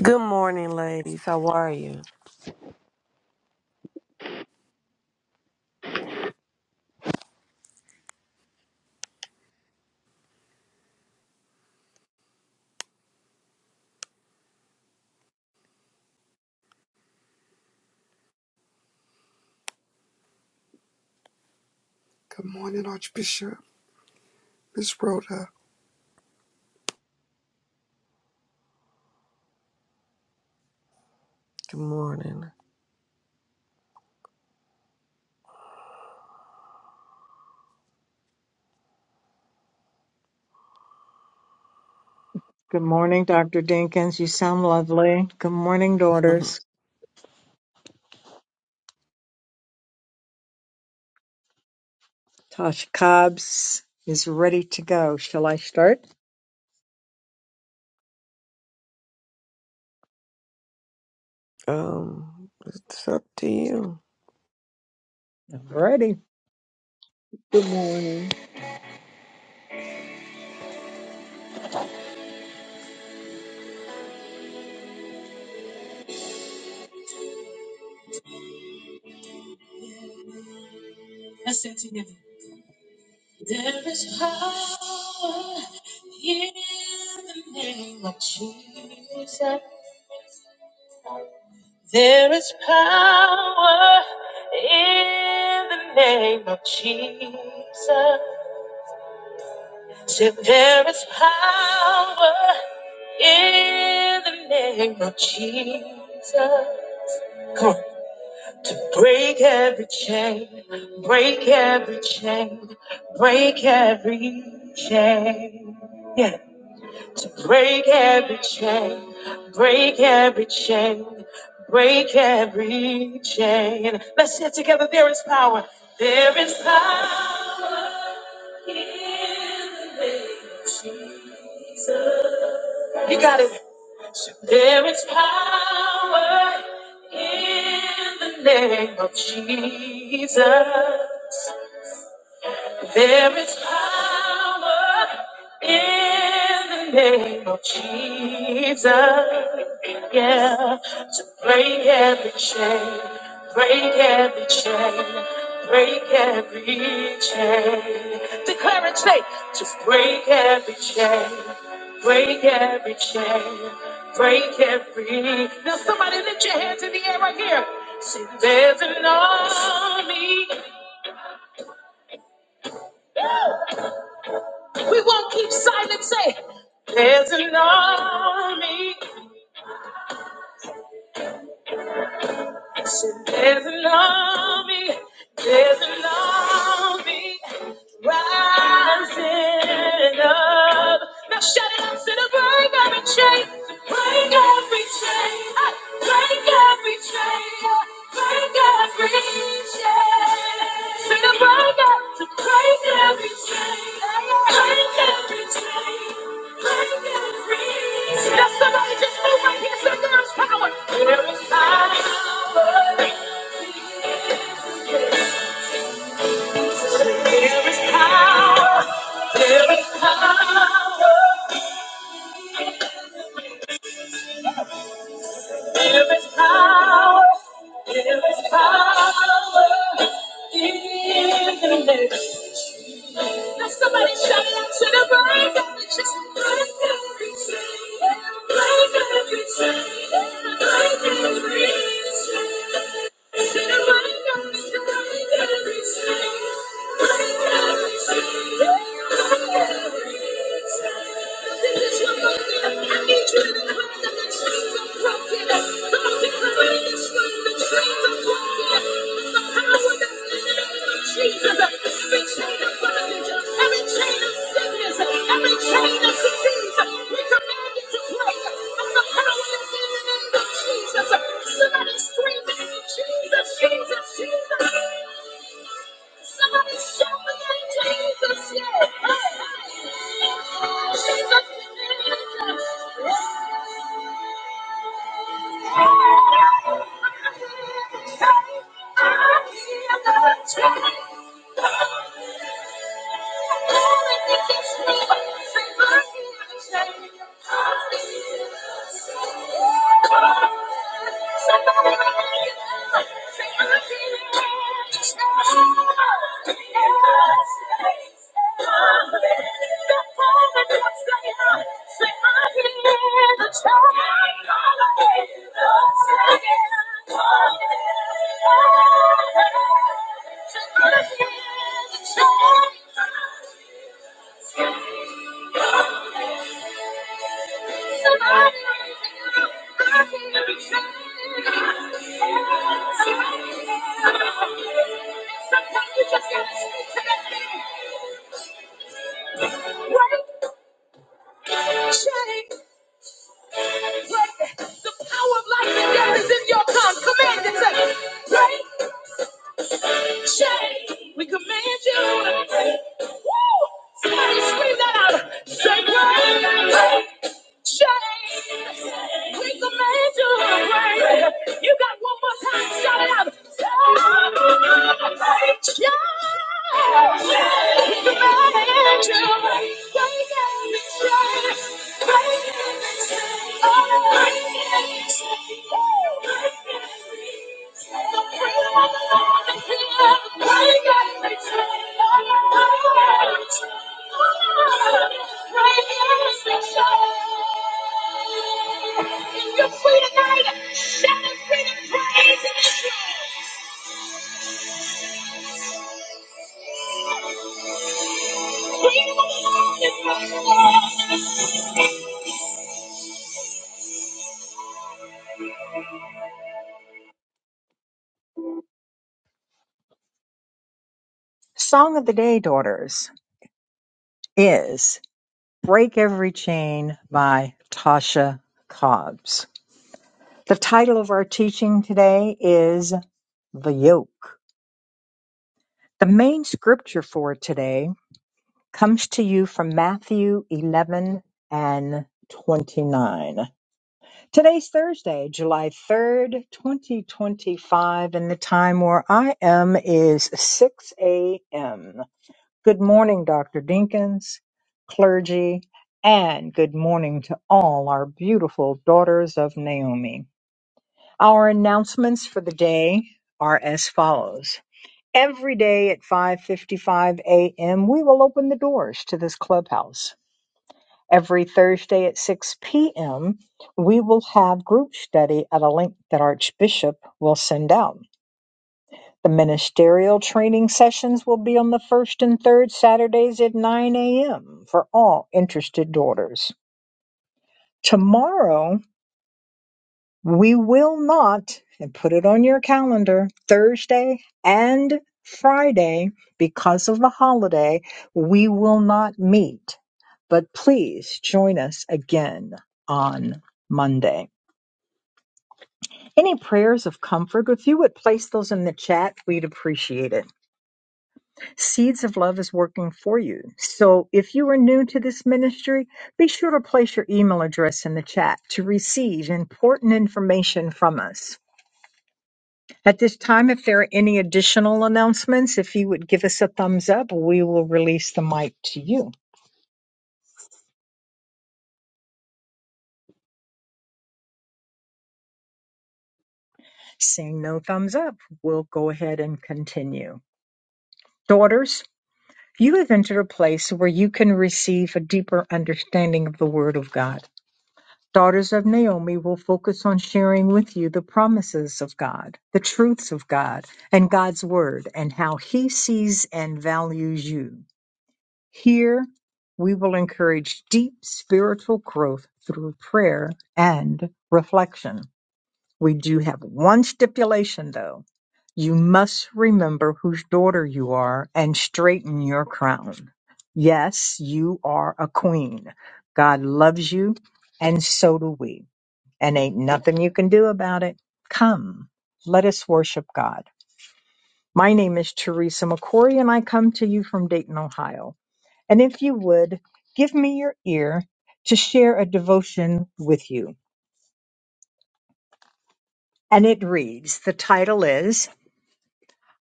Good morning, ladies. How are you? Good morning, Archbishop. Miss Rhoda. Good morning. Good morning, Dr. Dinkins. You sound lovely. Good morning, daughters. Tosh Cobbs is ready to go. Shall I start? um, it's up to you. I'm ready. Good morning. Yes, it's in you. There is power in the name of Jesus. There is power in the name of Jesus. Said there is power In the name of Jesus, come on. To break every chain, break every chain, break every chain. Yeah. To break every chain, break every chain, break every chain. Let's say it together. There is power. There is power in the name of Jesus. You got it. There is power in the name of Jesus. There is power in the name of Jesus. Yeah, to break every chain, break every chain, break every chain. Declare it, say, to break every chain, break every chain, break every. Now, somebody lift your hands in the air right here. See, there's an army. We won't keep silent. Say, there's an army. Say, There's an army. There's an army rising up. Now shout it out, say to break every chain, break every chain, Ah, break every chain, Ah, break every chain. Say the break up, to break every chain, Ah, break every chain. Yes, somebody just move right here. Say there is power. There is power. There is power. There is power. There is power. There is power in the name. Now somebody shout it out to the break of the just break every chain. Break every chain. Break every chain. The chains are broken. Jesus, Jesus, Jesus. Yes. Thank you. Thank you. Break the power of life and death is in your tongue. Command it to break. We command you. to break. Woo! Somebody scream that out. Shake Break! break. Shame, we command you to reign. You got one more time, shout it out. Break Break Break Break every chain, Break every chain, oh, Break every chain, oh, Break every chain. the freedom of the every every every every every every chain. chain. chain. chain. chain. chain. every chain. Song of the Day, Daughters, is Break Every Chain by Tasha Cobbs. The title of our teaching today is The Yoke. The main scripture for today comes to you from Matthew 11 and 29. Today's Thursday, July 3rd, 2025, and the time where I am is 6 a.m. Good morning, Dr. Dinkins, clergy, and good morning to all our beautiful daughters of Naomi. Our announcements for the day are as follows. Every day at 5:55 a.m., we will open the doors to this clubhouse Every Thursday at 6 p.m., we will have group study at a link that Archbishop will send out. The ministerial training sessions will be on the first and third Saturdays at 9 a.m. for all interested daughters. Tomorrow, we will not, and put it on your calendar, Thursday and Friday, because of the holiday, we will not meet. But please join us again on Monday. Any prayers of comfort, if you would place those in the chat, we'd appreciate it. Seeds of Love is working for you. So if you are new to this ministry, be sure to place your email address in the chat to receive important information from us. At this time, if there are any additional announcements, if you would give us a thumbs up, we will release the mic to you. Seeing no thumbs up, we'll go ahead and continue. Daughters, You have entered a place where you can receive a deeper understanding of the Word of God. Daughters of Naomi will focus on sharing with you the promises of God, the truths of God, and God's Word, and how He sees and values you. Here, we will encourage deep spiritual growth through prayer and reflection. We do have one stipulation though. You must remember whose daughter you are and straighten your crown. Yes, you are a queen. God loves you, and so do we. And ain't nothing you can do about it. Come, let us worship God. My name is Teresa McCory, and I come to you from Dayton, Ohio. And if you would, give me your ear to share a devotion with you. And it reads the title is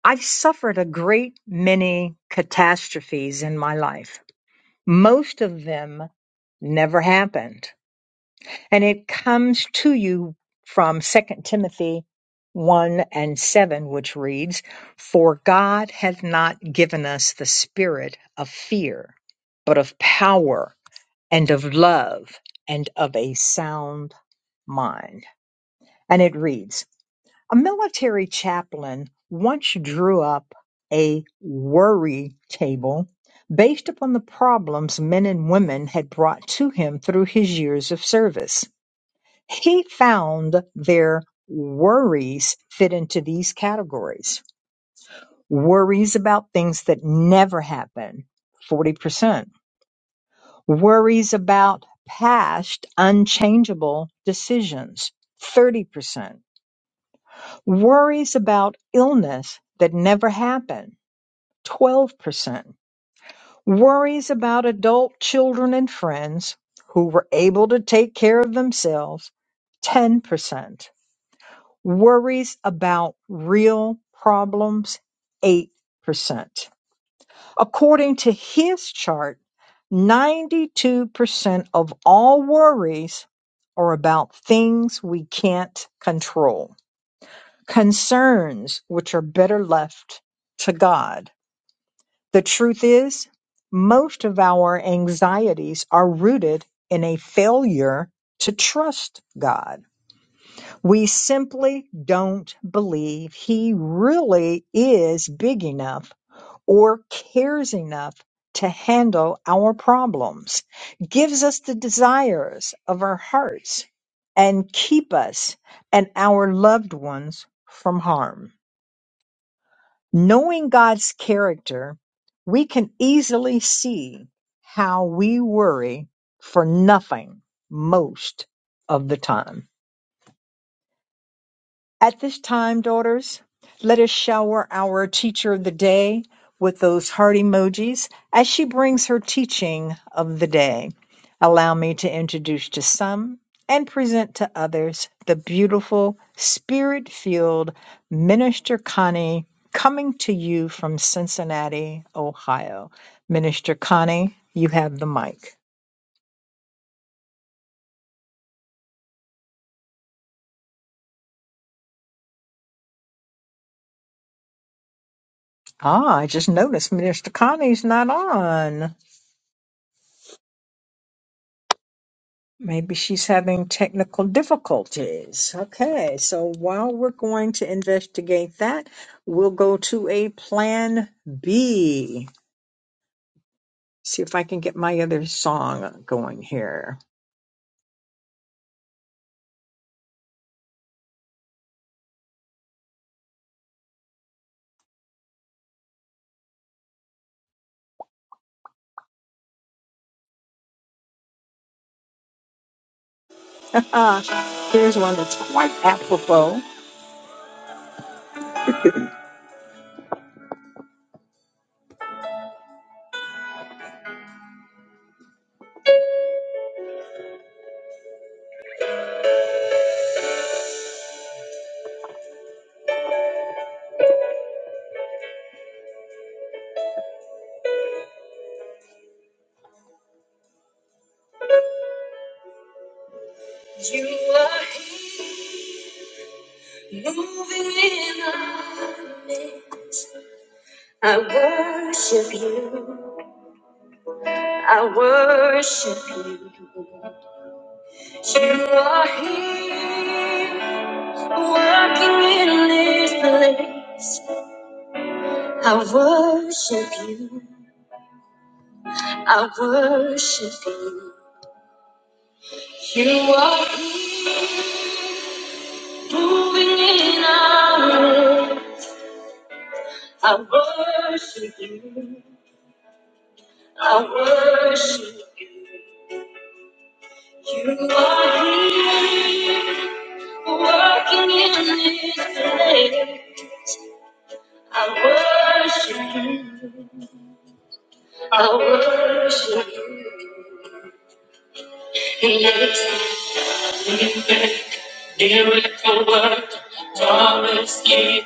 I've suffered a great many catastrophes in my life. Most of them never happened. And it comes to you from Second Timothy 1 and 7, which reads, For God hath not given us the spirit of fear, but of power and of love and of a sound mind. And it reads, a military chaplain once drew up a worry table based upon the problems men and women had brought to him through his years of service. He found their worries fit into these categories worries about things that never happen, 40%, worries about past unchangeable decisions, 30%. Worries about illness that never happened, 12%. Worries about adult children and friends who were able to take care of themselves, 10%. Worries about real problems, 8%. According to his chart, 92% of all worries are about things we can't control. concerns which are better left to God. The truth is, most of our anxieties are rooted in a failure to trust God. We simply don't believe He really is big enough or cares enough to handle our problems, gives us the desires of our hearts, and keep us and our loved ones from harm. Knowing God's character, we can easily see how we worry for nothing most of the time. At this time, daughters, let us shower our teacher of the day with those heart emojis as she brings her teaching of the day. Allow me to introduce to some and present to others the beautiful, spirit filled Minister Connie coming to you from Cincinnati, Ohio. Minister Connie, you have the mic. Ah, I just noticed Minister Connie's not on. Maybe she's having technical difficulties. Okay, so while we're going to investigate that, we'll go to a plan B. See if I can get my other song going here. Here's one that's quite apropos. You are, I worship you. I worship you. You are here, working in this place. I worship you. I worship you. You are moving in our way. I worship you. I worship. I worship. I worship. you. Always keep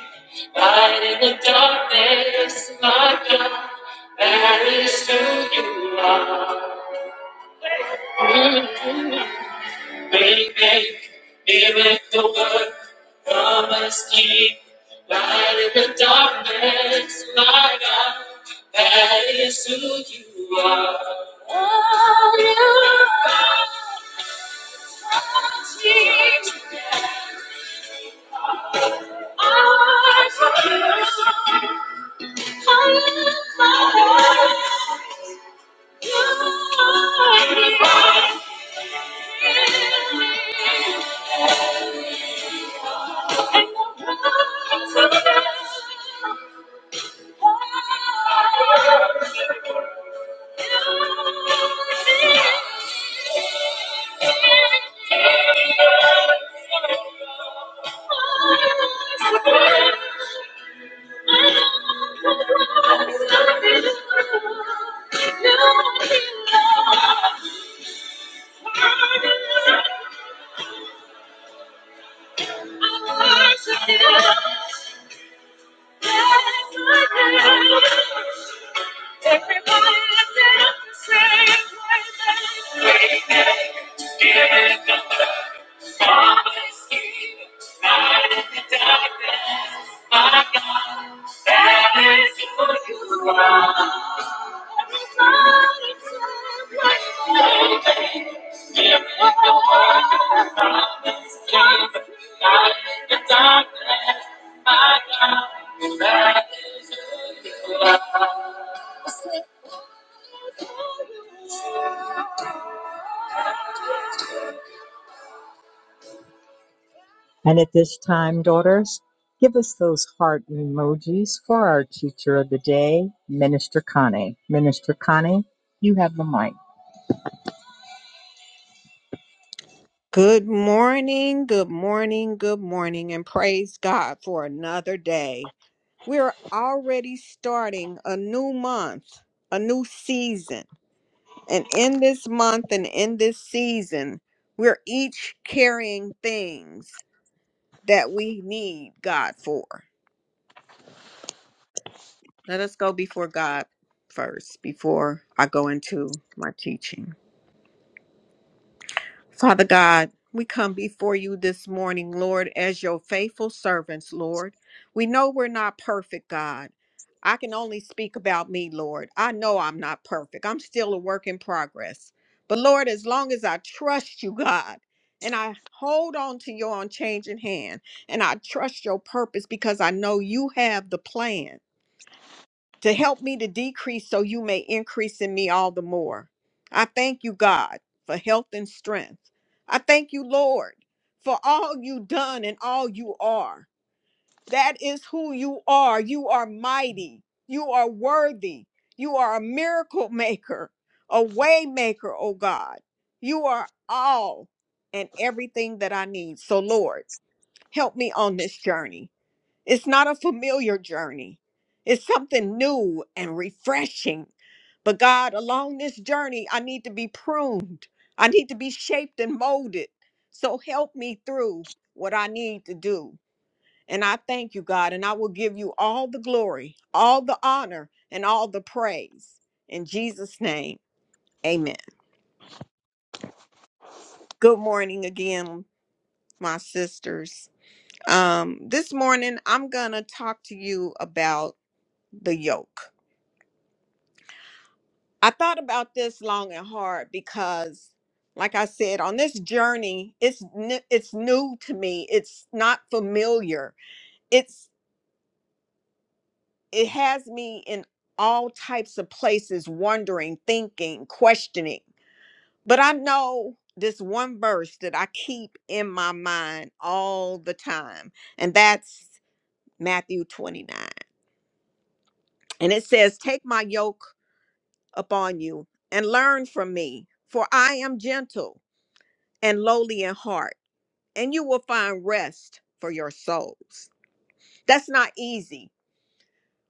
light in the darkness, my God. That is who you are. Mm-hmm. Baby, miracle work, promise keep. Light in the darkness, my God, that is who you are. Oh, you are Jesus. I I Thank you. Yes, I do. Everybody felt the same way. Scared of my God, that is who you are. Everybody felt the same way. Scared of the world, promise came to light in the darkness. My God, that is who you are. And at this time, daughters, give us those heart emojis for our teacher of the day, Minister Connie. Minister Connie, you have the mic. Good morning, good morning, good morning, and praise God for another day. We're already starting a new month, a new season. And in this month and in this season, we're each carrying things that we need God for. Let us go before God first, before I go into my teaching. Father God, we come before you this morning, Lord, as your faithful servants, Lord. We know we're not perfect, God. I can only speak about me, Lord. I know I'm not perfect. I'm still a work in progress. But Lord, as long as I trust you, God, and I hold on to your unchanging hand, and I trust your purpose because I know you have the plan to help me to decrease so you may increase in me all the more. I thank you, God, for health and strength. I thank you, Lord, for all you done and all you are. That is who you are. You are mighty. You are worthy. You are a miracle maker, a way maker, oh God. You are all and everything that I need. So, Lord, help me on this journey. It's not a familiar journey, it's something new and refreshing. But God, along this journey, I need to be pruned, I need to be shaped and molded. So help me through what I need to do. And I thank you, God, and I will give you all the glory, all the honor, and all the praise. In Jesus' name, amen. Good morning again, my sisters. Um, this morning, I'm going to talk to you about the yoke I thought about this long and hard because, like I said, on this journey, it's n- it's new to me. It's not familiar. It's it has me in all types of places, wondering, thinking, questioning. But I know this one verse that I keep in my mind all the time, and that's Matthew twenty nine, and it says, "Take my yoke upon you and learn from me, for I am gentle." and lowly in heart, and you will find rest for your souls. That's not easy.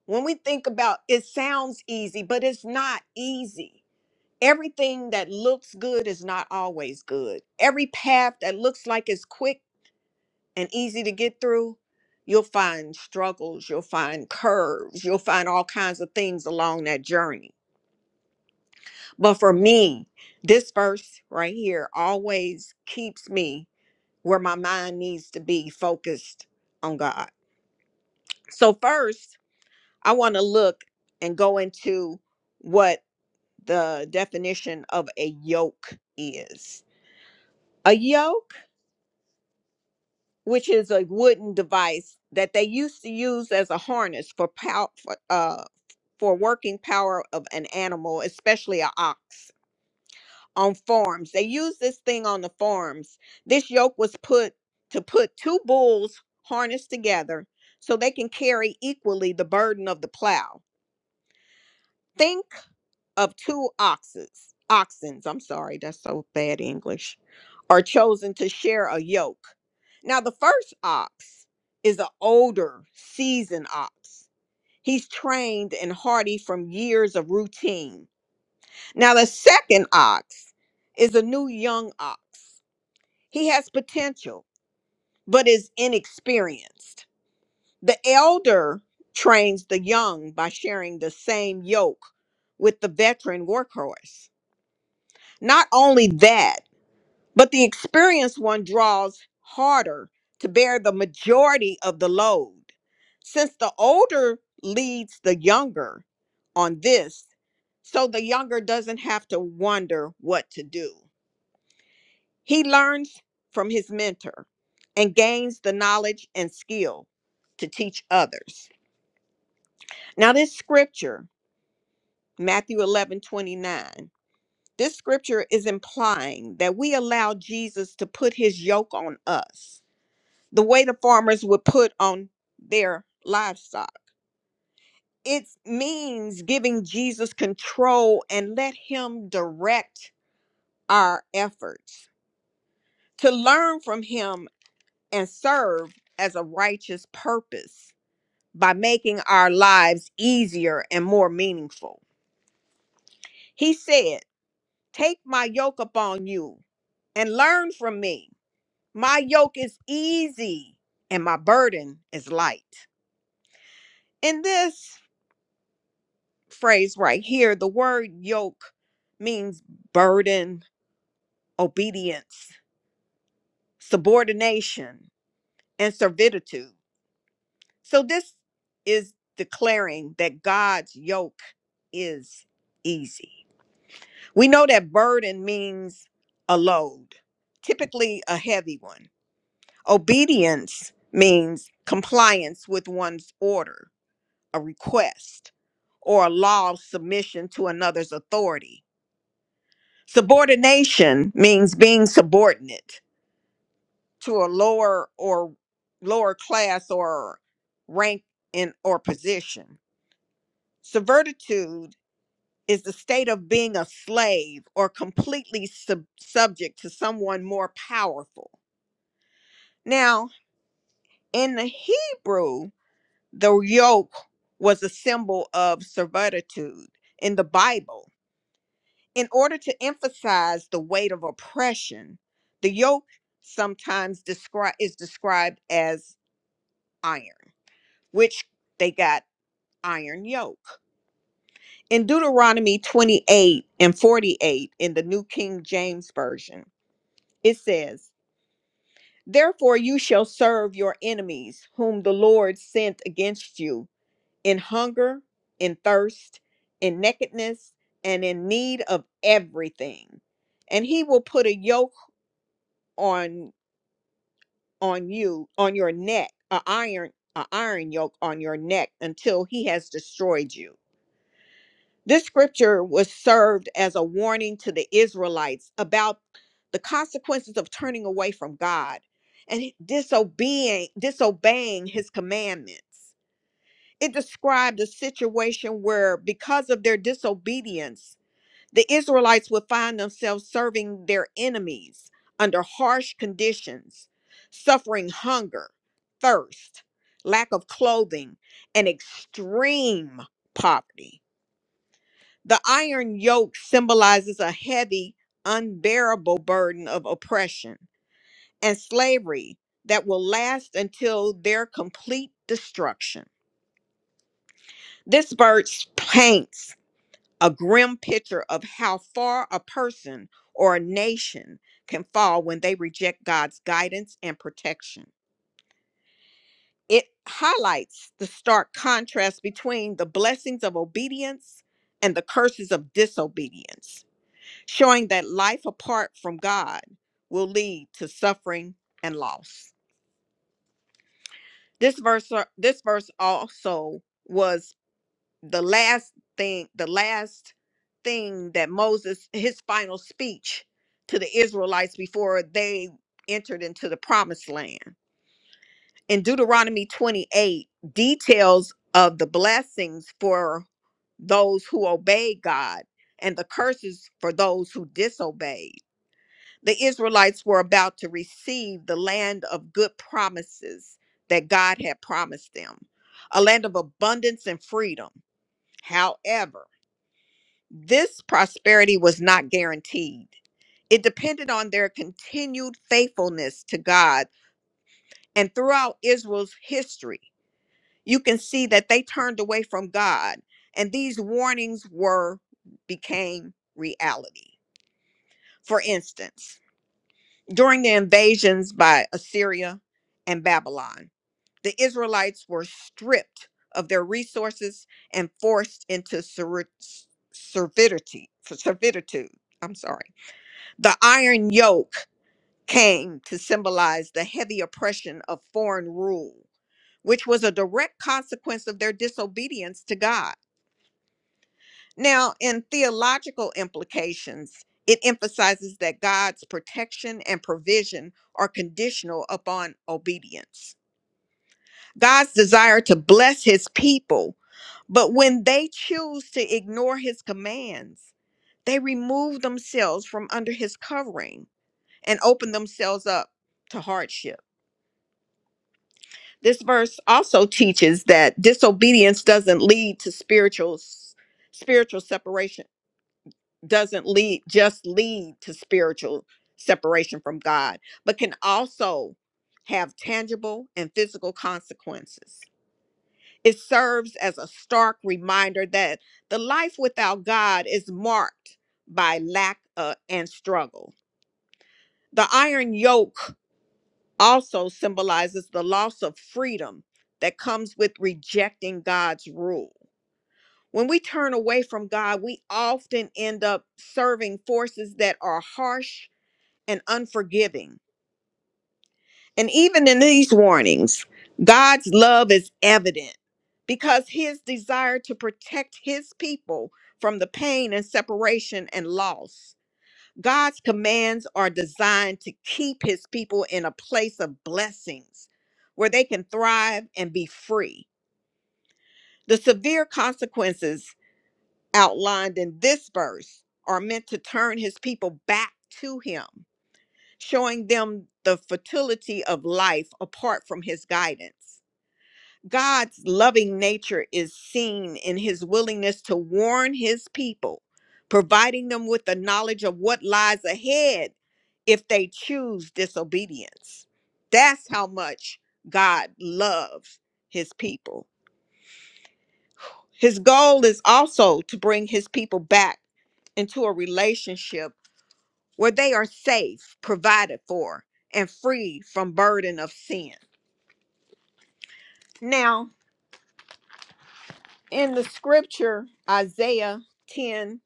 When we think about it sounds easy, but it's not easy. Everything that looks good is not always good. Every path that looks like it's quick and easy to get through, you'll find struggles, you'll find curves, you'll find all kinds of things along that journey. But for me, this verse right here always keeps me where my mind needs to be focused on God. So, first, I want to look and go into what the definition of a yoke is. A yoke, which is a wooden device that they used to use as a harness for pow- for, uh, for working power of an animal, especially an ox. on farms. They used this thing on the farms. This yoke was put to put two bulls harnessed together so they can carry equally the burden of the plow. Think of two oxes, oxens, I'm sorry, that's so bad English, are chosen to share a yoke. Now, the first ox is an older, seasoned ox. He's trained and hardy from years of routine. Now, the second ox is a new young ox. He has potential, but is inexperienced. The elder trains the young by sharing the same yoke with the veteran workhorse. Not only that, but the experienced one draws harder to bear the majority of the load. Since the older leads the younger on this, so the younger doesn't have to wonder what to do. He learns from his mentor and gains the knowledge and skill to teach others. Now, this scripture, Matthew 11 29, this scripture is implying that we allow Jesus to put his yoke on us, the way the farmers would put on their livestock. It means giving Jesus control and let him direct our efforts to learn from him and serve as a righteous purpose by making our lives easier and more meaningful. He said, Take my yoke upon you and learn from me. My yoke is easy and my burden is light. In this phrase right here, the word yoke means burden, obedience, subordination, and servitude. So this is declaring that God's yoke is easy. We know that burden means a load, typically a heavy one. Obedience means compliance with one's order, a request, or a law of submission to another's authority. Subordination means being subordinate to a lower or lower class or rank in or position. Servitude is the state of being a slave or completely sub- subject to someone more powerful. Now, in the Hebrew, the yoke was a symbol of servitude in the Bible. In order to emphasize the weight of oppression, the yoke sometimes descri- is described as iron, which they got iron yoke. In Deuteronomy 28 and 48 in the New King James Version, it says, Therefore, you shall serve your enemies, whom the Lord sent against you, in hunger, in thirst, in nakedness, and in need of everything. And he will put a yoke on on you, on your neck, a iron, a iron yoke on your neck, until he has destroyed you. This scripture was served as a warning to the Israelites about the consequences of turning away from God and disobeying, disobeying his commandments. It described a situation where, because of their disobedience, the Israelites would find themselves serving their enemies under harsh conditions, suffering hunger, thirst, lack of clothing, and extreme poverty. The iron yoke symbolizes a heavy, unbearable burden of oppression and slavery that will last until their complete destruction. This verse paints a grim picture of how far a person or a nation can fall when they reject God's guidance and protection. It highlights the stark contrast between the blessings of obedience and the curses of disobedience showing that life apart from God will lead to suffering and loss. This verse uh, this verse also was the last thing the last thing that Moses his final speech to the Israelites before they entered into the promised land. In Deuteronomy 28 details of the blessings for those who obey God and the curses for those who disobeyed. the Israelites were about to receive the land of good promises that God had promised them, a land of abundance and freedom. However, this prosperity was not guaranteed. It depended on their continued faithfulness to God. And throughout Israel's history, you can see that they turned away from God, and these warnings were became reality. For instance, During the invasions by Assyria and Babylon, the Israelites were stripped of their resources and forced into servi- servitude. servitude. I'm sorry. The iron yoke came to symbolize the heavy oppression of foreign rule, which was a direct consequence of their disobedience to God. Now, in theological implications, it emphasizes that God's protection and provision are conditional upon obedience. God's desire to bless his people, but when they choose to ignore his commands, they remove themselves from under his covering and open themselves up to hardship. This verse also teaches that disobedience doesn't lead to spiritual spiritual separation doesn't lead just lead to spiritual separation from God, but can also have tangible and physical consequences. It serves as a stark reminder that the life without God is marked by lack uh, and struggle. The iron yoke also symbolizes the loss of freedom that comes with rejecting God's rule. When we turn away from God, we often end up serving forces that are harsh and unforgiving. And even in these warnings, God's love is evident because his desire to protect his people from the pain and separation and loss. God's commands are designed to keep his people in a place of blessings where they can thrive and be free. The severe consequences outlined in this verse are meant to turn his people back to him showing them the fertility of life apart from his guidance. God's loving nature is seen in his willingness to warn his people, providing them with the knowledge of what lies ahead if they choose disobedience. That's how much God loves his people. His goal is also to bring his people back into a relationship where they are safe, provided for, and free from burden of sin. Now, in the scripture, Isaiah 10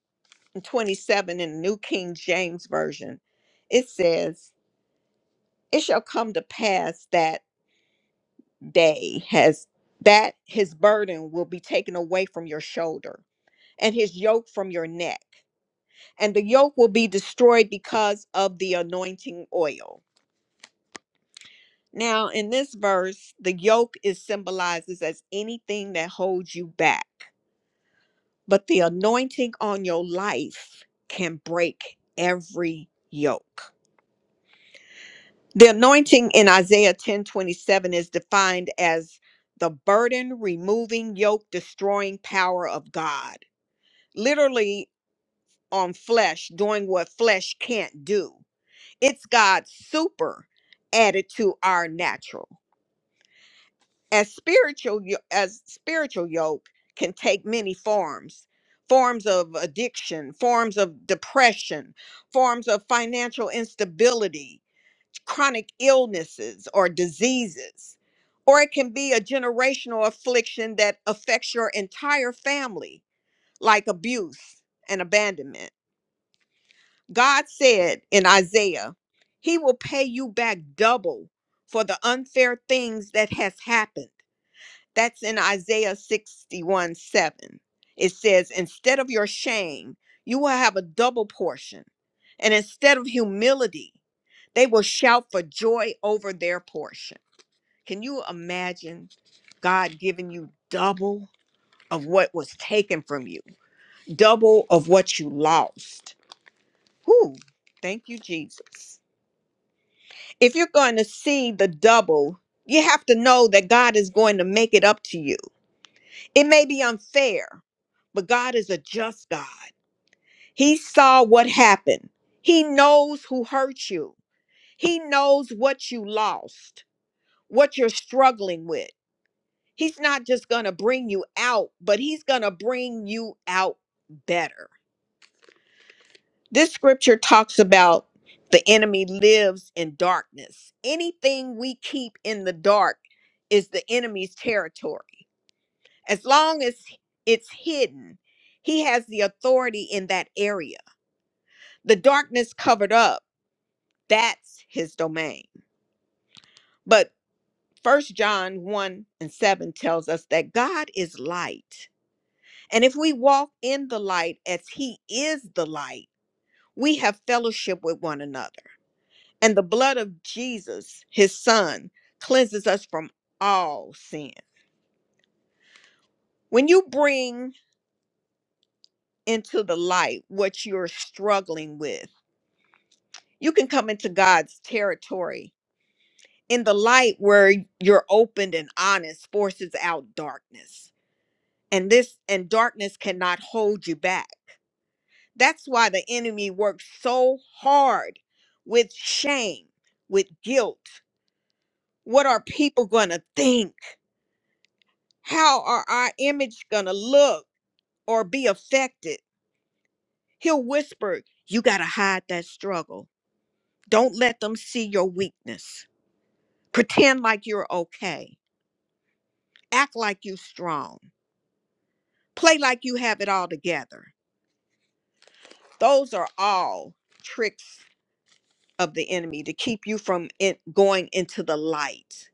and 27 in the New King James Version, it says, It shall come to pass that day has that his burden will be taken away from your shoulder and his yoke from your neck, and the yoke will be destroyed because of the anointing oil. Now, in this verse, the yoke is symbolizes as anything that holds you back, but the anointing on your life can break every yoke. The anointing in Isaiah 10:27 is defined as the burden removing, yoke destroying power of God, literally on flesh, doing what flesh can't do. It's God's super added to our natural. as spiritual yo- as spiritual yoke can take many forms forms of addiction forms of depression forms of financial instability chronic illnesses or diseases or it can be a generational affliction that affects your entire family like abuse and abandonment god said in isaiah he will pay you back double for the unfair things that has happened that's in Isaiah 61 7. It says, Instead of your shame, you will have a double portion. And instead of humility, they will shout for joy over their portion. Can you imagine God giving you double of what was taken from you, double of what you lost? Whew, thank you, Jesus. If you're going to see the double, you have to know that God is going to make it up to you. It may be unfair, but God is a just God. He saw what happened. He knows who hurt you. He knows what you lost, what you're struggling with. He's not just going to bring you out, but he's going to bring you out better. This scripture talks about the enemy lives in darkness. Anything we keep in the dark is the enemy's territory. as long as it's hidden, he has the authority in that area. The darkness covered up, that's his domain. But First John 1 and 7 tells us that God is light. And if we walk in the light as he is the light, we have fellowship with one another. And the blood of Jesus, his son, cleanses us from all sin. When you bring into the light what you're struggling with, You can come into God's territory in the light where you're opened and honest forces out darkness. And this and darkness cannot hold you back. That's why the enemy works so hard with shame, with guilt. What are people going to think? How are our image going to look or be affected? He'll whisper, You got to hide that struggle. Don't let them see your weakness. Pretend like you're okay act like you strong, play like you have it all together. Those are all tricks of the enemy to keep you from it going into the light.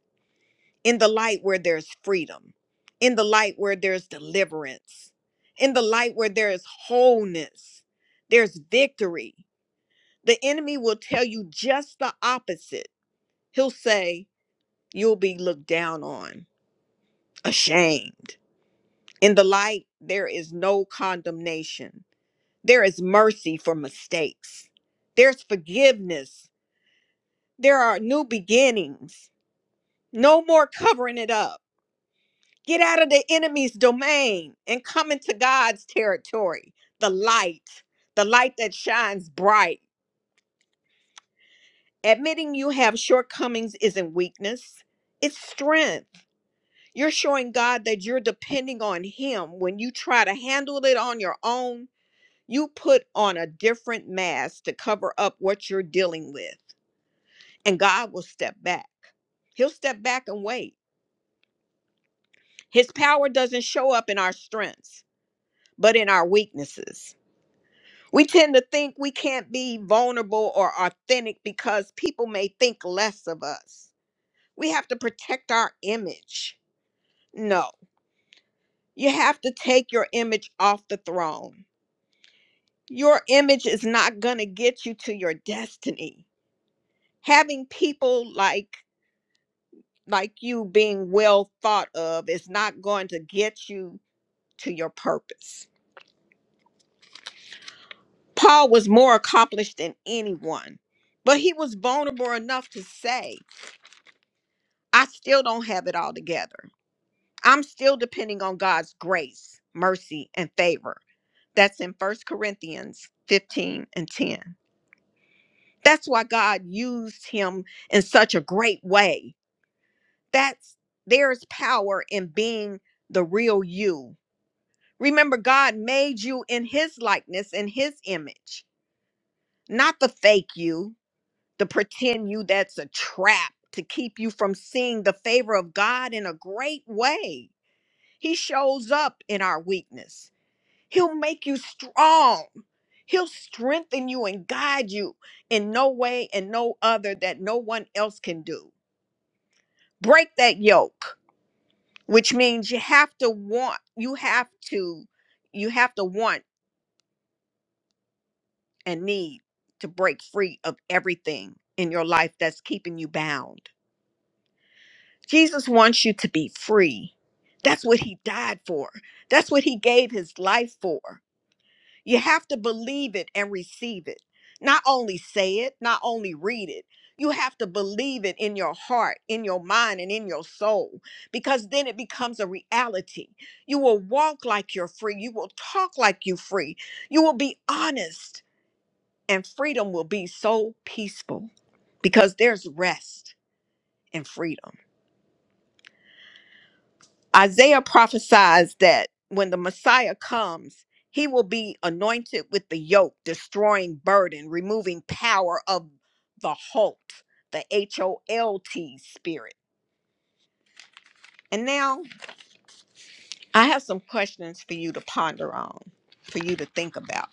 In the light where there's freedom, in the light where there's deliverance, in the light where there is wholeness, there's victory. The enemy will tell you just the opposite. He'll say you'll be looked down on, ashamed. In the light, there is no condemnation There is mercy for mistakes. There's forgiveness. There are new beginnings. No more covering it up. Get out of the enemy's domain and come into God's territory, the light, the light that shines bright. Admitting you have shortcomings isn't weakness, it's strength. You're showing God that you're depending on Him. When you try to handle it on your own, you put on a different mask to cover up what you're dealing with. and God will step back. He'll step back and wait. His power doesn't show up in our strengths, but in our weaknesses. We tend to think we can't be vulnerable or authentic because people may think less of us. We have to protect our image. No, you have to take your image off the throne. Your image is not going to get you to your destiny. Having people like like you being well thought of is not going to get you to your purpose. Paul was more accomplished than anyone, but he was vulnerable enough to say, I still don't have it all together. I'm still depending on God's grace, mercy, and favor. That's in First Corinthians 15 and 10. That's why God used him in such a great way. That's there's power in being the real you. Remember, God made you in his likeness, in his image, not the fake you the pretend you that's a trap to keep you from seeing the favor of God in a great way. He shows up in our weakness. He'll make you strong. He'll strengthen you and guide you in no way and no other that no one else can do. Break that yoke, which means you have to want, you have to you have to want and need to break free of everything in your life that's keeping you bound Jesus wants you to be free. That's what he died for. That's what he gave his life for. You have to believe it and receive it. Not only say it, not only read it, you have to believe it in your heart, in your mind, and in your soul, because then it becomes a reality. You will walk like you're free. You will talk like you're free. You will be honest, and freedom will be so peaceful because there's rest in freedom. Isaiah prophesies that when the Messiah comes, he will be anointed with the yoke, destroying burden, removing power of the halt, the H O L T spirit. And now I have some questions for you to ponder on, for you to think about.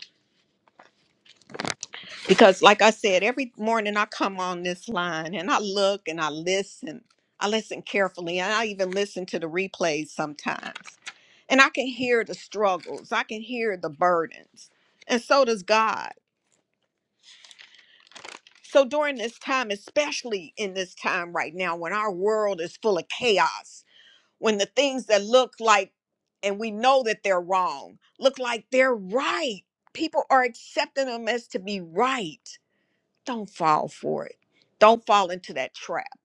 because like i said every morning i come on this line and i look and i listen i listen carefully and i even listen to the replays sometimes and i can hear the struggles i can hear the burdens and so does god so during this time especially in this time right now when our world is full of chaos when the things that look like and we know that they're wrong look like they're right people are accepting them as to be right Don't fall for it. Don't fall into that trap.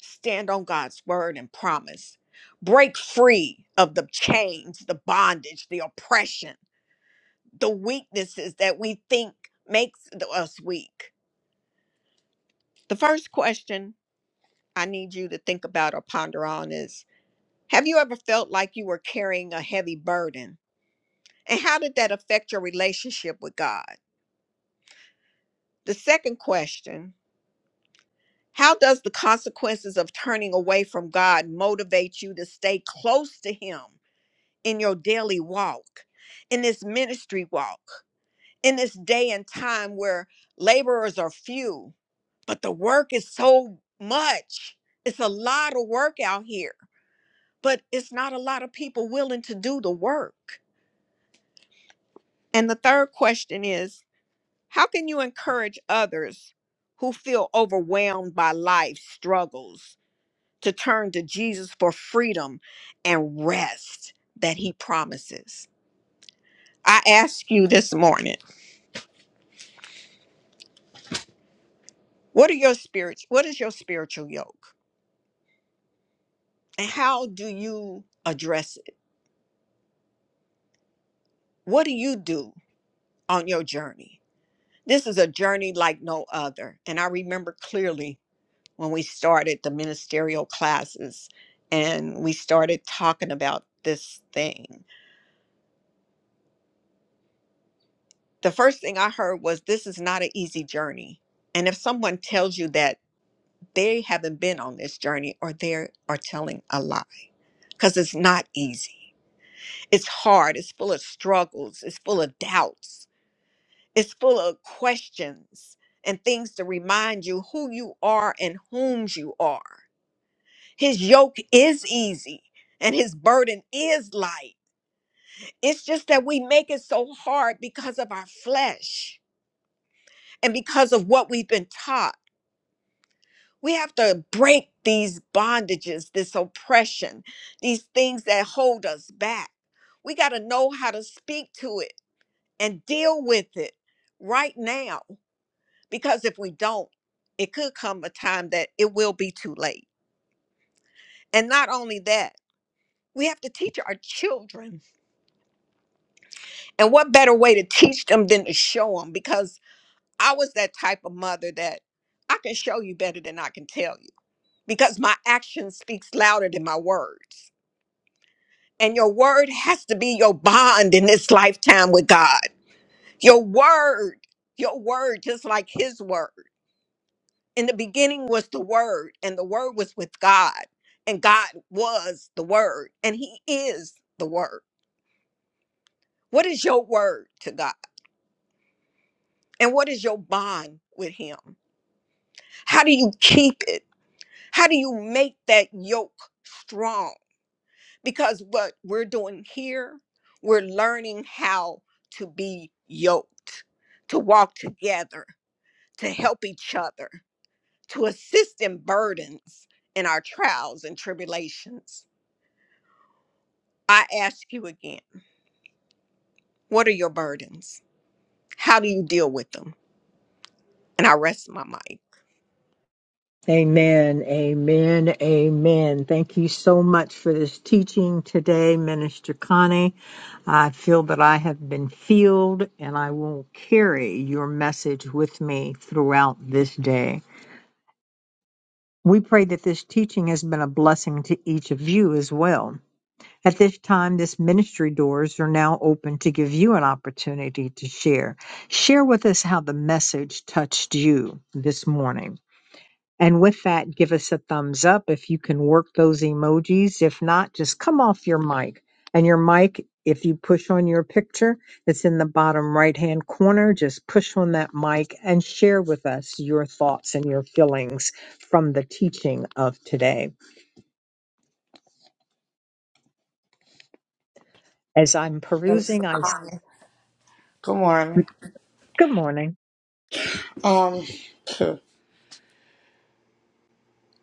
Stand on God's word and promise. Break free of the chains, the bondage, the oppression, the weaknesses that we think makes th- us weak. The first question I need you to think about or ponder on is Have you ever felt like you were carrying a heavy burden? And how did that affect your relationship with God? The second question How does the consequences of turning away from God motivate you to stay close to Him in your daily walk, in this ministry walk, in this day and time where laborers are few, but the work is so much? It's a lot of work out here, but it's not a lot of people willing to do the work. And the third question is how can you encourage others who feel overwhelmed by life's struggles? to turn to Jesus for freedom and rest that he promises. I ask you this morning, what are your spirits? What is your spiritual yoke? And how do you address it? What do you do on your journey? This is a journey like no other. And I remember clearly when we started the ministerial classes and we started talking about this thing. The first thing I heard was this is not an easy journey. And if someone tells you that they haven't been on this journey or they are telling a lie because it's not easy. It's hard. It's full of struggles. It's full of doubts. It's full of questions and things to remind you who you are and whom's you are. His yoke is easy and his burden is light. It's just that we make it so hard because of our flesh and because of what we've been taught. We have to break these bondages, this oppression, these things that hold us back. We got to know how to speak to it and deal with it right now. Because if we don't, it could come a time that it will be too late. And not only that, we have to teach our children. And what better way to teach them than to show them? Because I was that type of mother that I can show you better than I can tell you because my actions speaks louder than my words And your word has to be your bond in this lifetime with God. Your word, your word, just like His word. In the beginning was the word, and the word was with God, and God was the word, and He is the word. What is your word to God? And what is your bond with Him? How do you keep it? How do you make that yoke strong? because what we're doing here, we're learning how to be yoked, to walk together, to help each other, to assist in burdens in our trials and tribulations. I ask you again, what are your burdens? How do you deal with them? And I rest my mic. Amen, amen, amen. Thank you so much for this teaching today, Minister Connie. I feel that I have been filled and I will carry your message with me throughout this day. We pray that this teaching has been a blessing to each of you as well. At this time, this ministry doors are now open to give you an opportunity to share. Share with us how the message touched you this morning. And with that, give us a thumbs up if you can work those emojis. If not, just come off your mic. And your mic, if you push on your picture, it's in the bottom right hand corner. Just push on that mic and share with us your thoughts and your feelings from the teaching of today. As I'm Thanks for perusing, I calling. Good morning. good morning. Um, phew.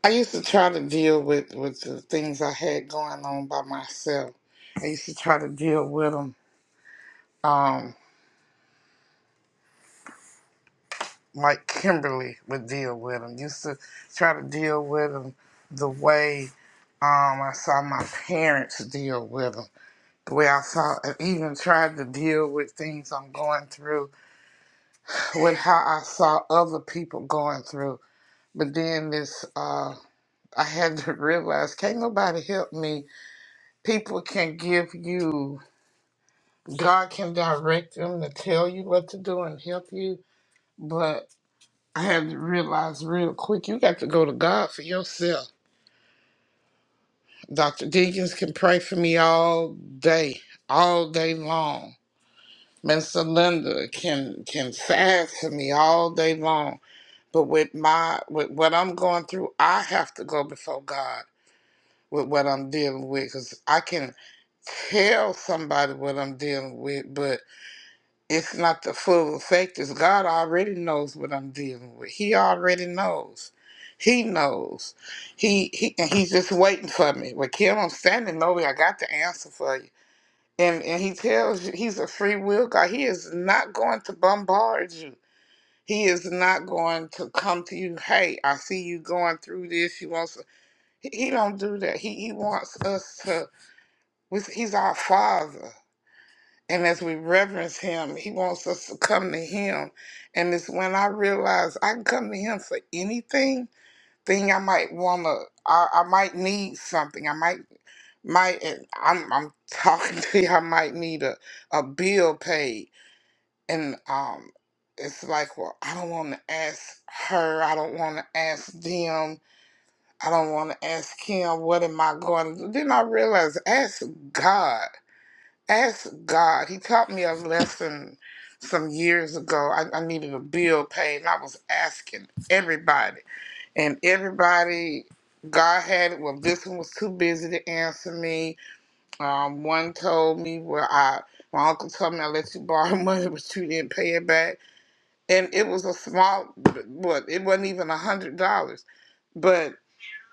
I used to try to deal with with the things I had going on by myself. I used to try to deal with them, um, like Kimberly would deal with them. Used to try to deal with them the way um I saw my parents deal with them. The way I saw, even tried to deal with things I'm going through with how I saw other people going through. But then this. uh. I had to realize can't nobody help me. People can give you, God can direct them to tell you what to do and help you. But I had to realize real quick, you got to go to God for yourself. Dr. Deacons can pray for me all day, all day long. Minister Linda can can fast for me all day long. But with my with what I'm going through, I have to go before God. with what I'm dealing with because I can tell somebody what I'm dealing with, but it's not the full effect. Is God already knows what I'm dealing with. He already knows. He knows. He he and he's just waiting for me. Well, Kim, I'm standing over. here. I got the answer for you. And and he tells you he's a free will God. He is not going to bombard you. He is not going to come to you. Hey, I see you going through this. You want some. He he don't do that. He he wants us to we, he's our Father. And as we reverence him, he wants us to come to him. And it's when I realize I can come to him for anything, thing I might want to, I, I might need something. I might, might and I'm, I'm talking to you, I might need a, a bill paid. And um, it's like, well, I don't want to ask her. I don't want to ask them. I don't want to ask him, what am I going to do? Then I realize, ask God ask God. He taught me a lesson some years ago. I, I needed a bill paid, and I was asking everybody, and everybody. God had it. Well, this one was too busy to answer me. Um, one told me, "Well, I my uncle told me I let you borrow money, but you didn't pay it back." And it was a small, what? It wasn't even a hundred dollars. But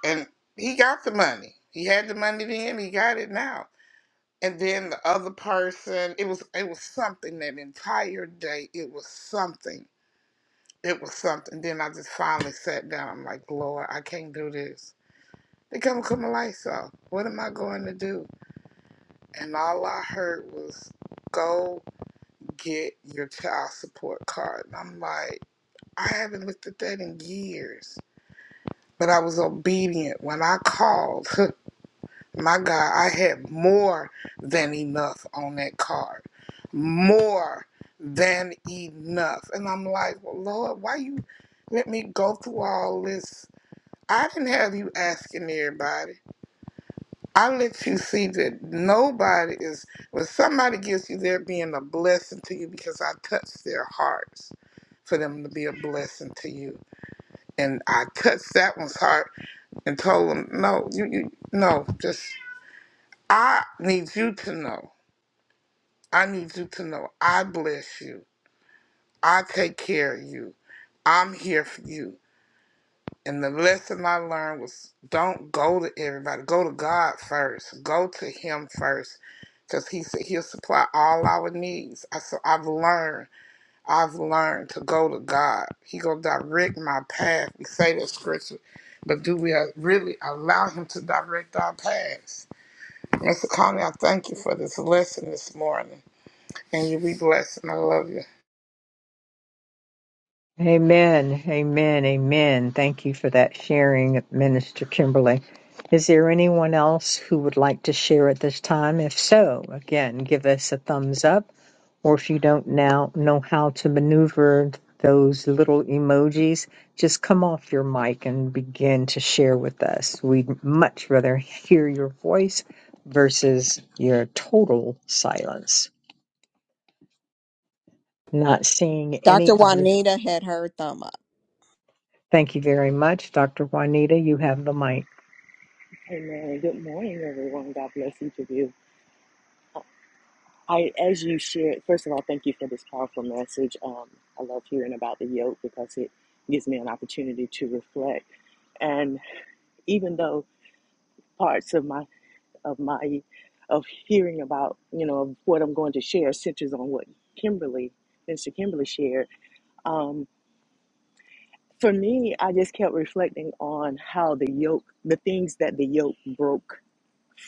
and he got the money. He had the money then. He got it now and then the other person it was it was something that entire day it was something it was something then i just finally sat down i'm like lord i can't do this they come come a light so what am i going to do and all i heard was go get your child support card and i'm like i haven't looked at that in years but i was obedient when i called My God, I had more than enough on that card. More than enough. And I'm like, well, Lord, why you let me go through all this? I didn't have you asking everybody. I let you see that nobody is, when somebody gives you they're being a blessing to you because I touched their hearts for them to be a blessing to you. And I touched that one's heart and told them, no, you, you no, just, I need you to know I need you to know I bless you. I take care of you. I'm here for you. And the lesson I learned was don't go to everybody. Go to God first. Go to Him first. Because He said He'll supply all our needs. I, so I've learned. I've learned to go to God. He going to direct my path. We say that scripture. But do we uh, really allow Him to direct our paths? Mr. Conley, I thank you for this lesson this morning. And you be blessed. And I love you. Amen. Amen. Amen. Thank you for that sharing, Minister Kimberly. Is there anyone else who would like to share at this time? If so, again, give us a thumbs up. Or if you don't now know how to maneuver those little emojis, just come off your mic and begin to share with us. We'd much rather hear your voice versus your total silence. Not seeing any Dr. other Juanita had her thumb up. Thank you very much, Dr. Juanita. You have the mic. Amen. Good morning, everyone. God bless each of you. I, as you shared, first of all, thank you for this powerful message. Um, I love hearing about the yoke because it gives me an opportunity to reflect. And even though parts of my of my of hearing about you know of what I'm going to share centers on what Kimberly, Mr. Kimberly shared. Um, for me, I just kept reflecting on how the yoke, the things that the yoke broke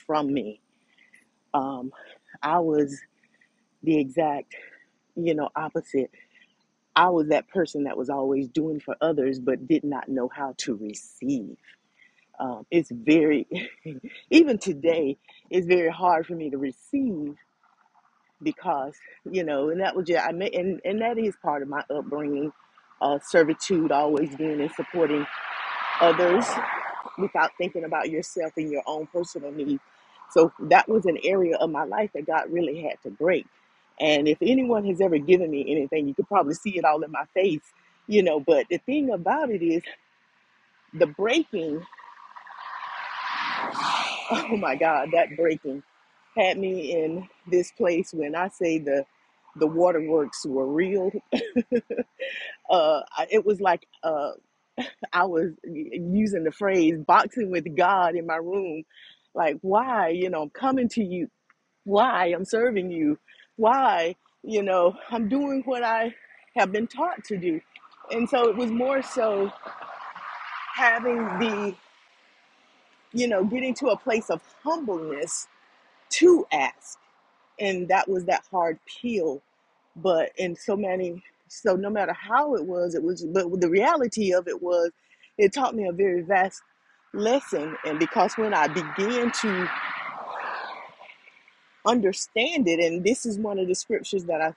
from me. Um, I was the exact you know opposite i was that person that was always doing for others but did not know how to receive um, it's very even today it's very hard for me to receive because you know and that was just i mean and, and that is part of my upbringing uh, servitude always being and supporting others without thinking about yourself and your own personal needs. So that was an area of my life that God really had to break. And if anyone has ever given me anything, you could probably see it all in my face, you know. But the thing about it is the breaking, oh my God, that breaking had me in this place when I say the the waterworks were real. Uh, it was like uh, I was using the phrase boxing with God in my room. Like, why? You know, I'm coming to you. Why? I'm serving you. Why? You know, I'm doing what I have been taught to do. And so it was more so having the, you know, getting to a place of humbleness to ask and that was that hard peel but in so many so no matter how it was it was but the reality of it was it taught me a very vast lesson and because when i began to understand it and this is one of the scriptures that i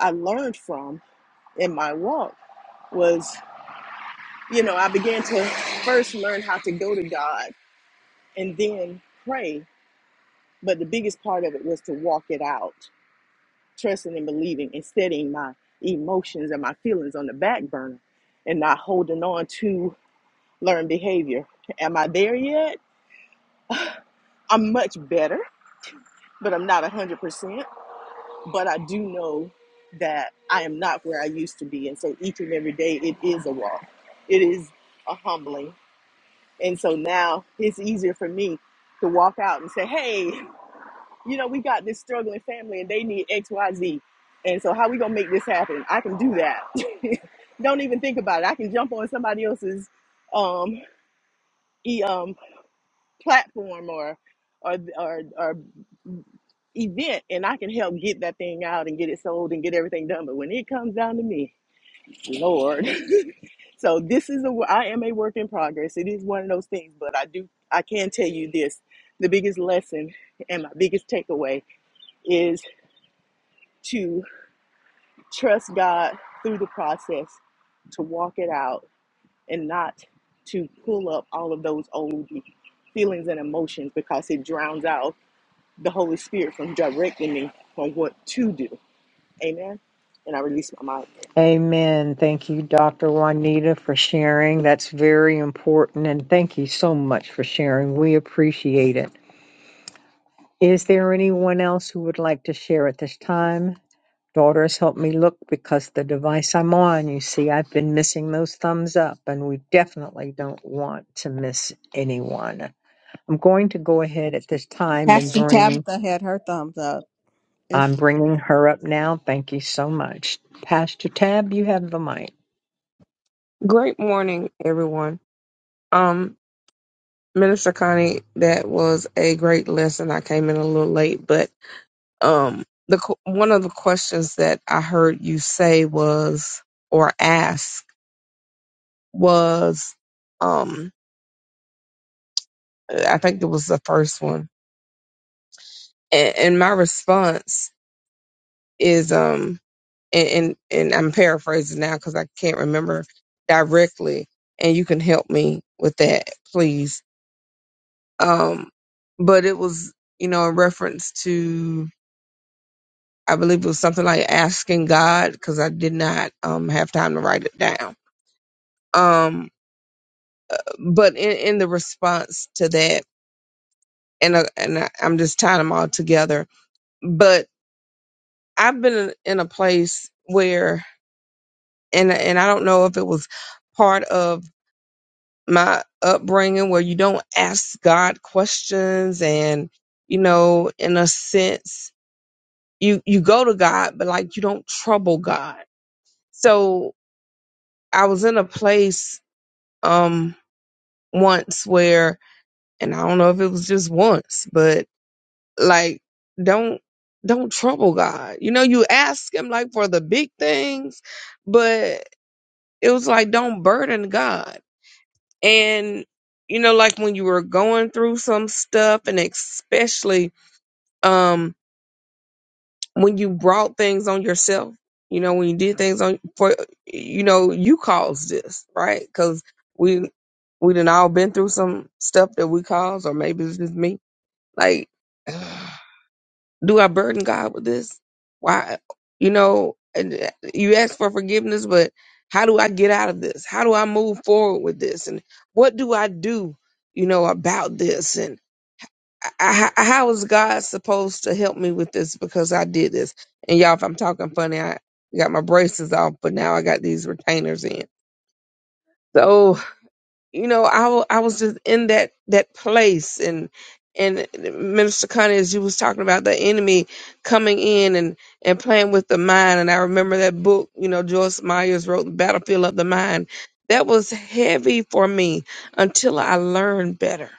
i learned from in my walk was you know i began to first learn how to go to god and then pray but the biggest part of it was to walk it out trusting and believing and setting my emotions and my feelings on the back burner and not holding on to learned behavior. Am I there yet? I'm much better, but I'm not 100%. But I do know that I am not where I used to be. And so each and every day, it is a walk, it is a humbling. And so now it's easier for me to walk out and say, hey, you know, we got this struggling family and they need X, Y, Z. And so how we gonna make this happen? I can do that. Don't even think about it. I can jump on somebody else's um, e, um, platform or, or or or event, and I can help get that thing out and get it sold and get everything done. But when it comes down to me, Lord, so this is a I am a work in progress. It is one of those things, but I do I can tell you this: the biggest lesson and my biggest takeaway is to Trust God through the process to walk it out and not to pull up all of those old feelings and emotions because it drowns out the Holy Spirit from directing me on what to do. Amen. And I release my mic. Amen. Thank you, Dr. Juanita, for sharing. That's very important. And thank you so much for sharing. We appreciate it. Is there anyone else who would like to share at this time? Daughters, help me look because the device I'm on, you see, I've been missing those thumbs up, and we definitely don't want to miss anyone. I'm going to go ahead at this time and Pastor bring Tabitha had her thumbs up. I'm If bringing her up now. Thank you so much. Pastor Tab, you have the mic. Great morning, everyone. Um, Minister Connie, that was a great lesson. I came in a little late, but um, the qu- one of the questions that I heard you say was or ask was, um, I think it was the first one, and, and my response is, um, and and, and I'm paraphrasing now because I can't remember directly, and you can help me with that, please Um, but it was, you know, in reference to, I believe it was something like asking God because I did not um, have time to write it down. Um, but in, in the response to that, and uh, and I, I'm just tying them all together. But I've been in a place where, and and I don't know if it was part of my upbringing where you don't ask God questions and you know in a sense you you go to God, but like you don't trouble God. So I was in a place um once where and I don't know if it was just once, but like don't don't trouble God. You know, you ask him like for the big things, but it was like don't burden God. And you know, like when you were going through some stuff and especially um. when you brought things on yourself, you know, when you did things on for, you know, you caused this, right? Because we we done all been through some stuff that we caused, or maybe it's just me. Like, do I burden God with this? Why, you know, and uh, you ask for forgiveness, but how do I get out of this? How do I move forward with this? And what do I do, you know, about this? I, I, I- how is God supposed to help me with this because I did this? And y'all, if I'm talking funny, I got my braces off, but now I got these retainers in. So you know, I wa- I was just in that that place, and and Minister Connie, as you was talking about the enemy coming in and and playing with the mind, and I remember that book, you know, Joyce Myers wrote, "The Battlefield of the Mind." That was heavy for me until I learned better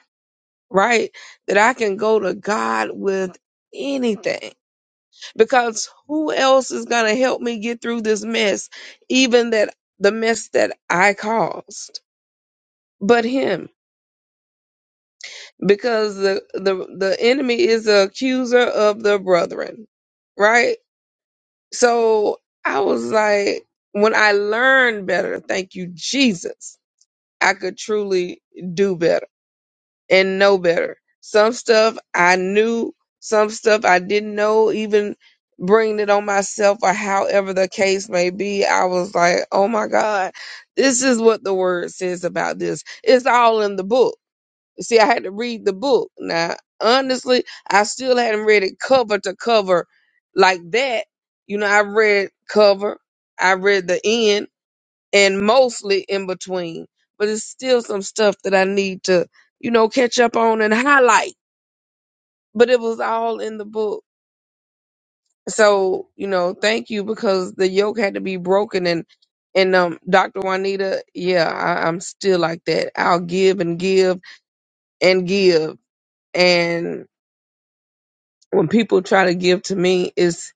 right? That I can go to God with anything because who else is going to help me get through this mess, even that the mess that I caused, but Him, because the the the enemy is the accuser of the brethren, right? So I was like, when I learned better, thank you, Jesus, I could truly do better and know better. Some stuff I knew, some stuff I didn't know, even bringing it on myself or however the case may be. I was like, oh my God, this is what the word says about this. It's all in the book. See, I had to read the book. Now, honestly, I still hadn't read it cover to cover like that. You know, I read cover, I read the end and mostly in between. But it's still some stuff that I need to, you know, catch up on and highlight. But it was all in the book. So, you know, thank you because the yoke had to be broken and and um Dr. Juanita, yeah, I, I'm still like that. I'll give and give and give. And when people try to give to me, it's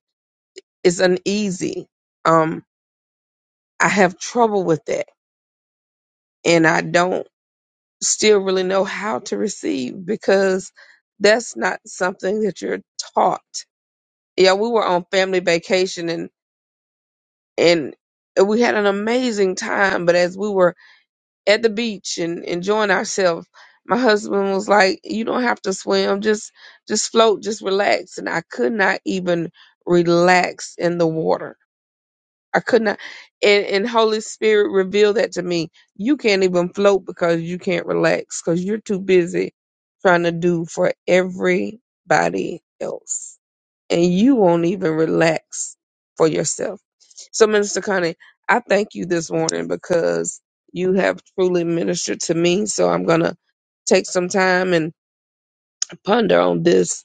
it's uneasy. Um I have trouble with that. And I don't still really know how to receive because that's not something that you're taught. Yeah, we were on family vacation and and we had an amazing time, but as we were at the beach and enjoying ourselves, my husband was like, "You don't have to swim, just just float, just relax." And I could not even relax in the water I could not. And, and Holy Spirit revealed that to me. You can't even float because you can't relax because you're too busy trying to do for everybody else. And you won't even relax for yourself. So, Minister Connie, I thank you this morning because you have truly ministered to me. So, I'm going to take some time and ponder on this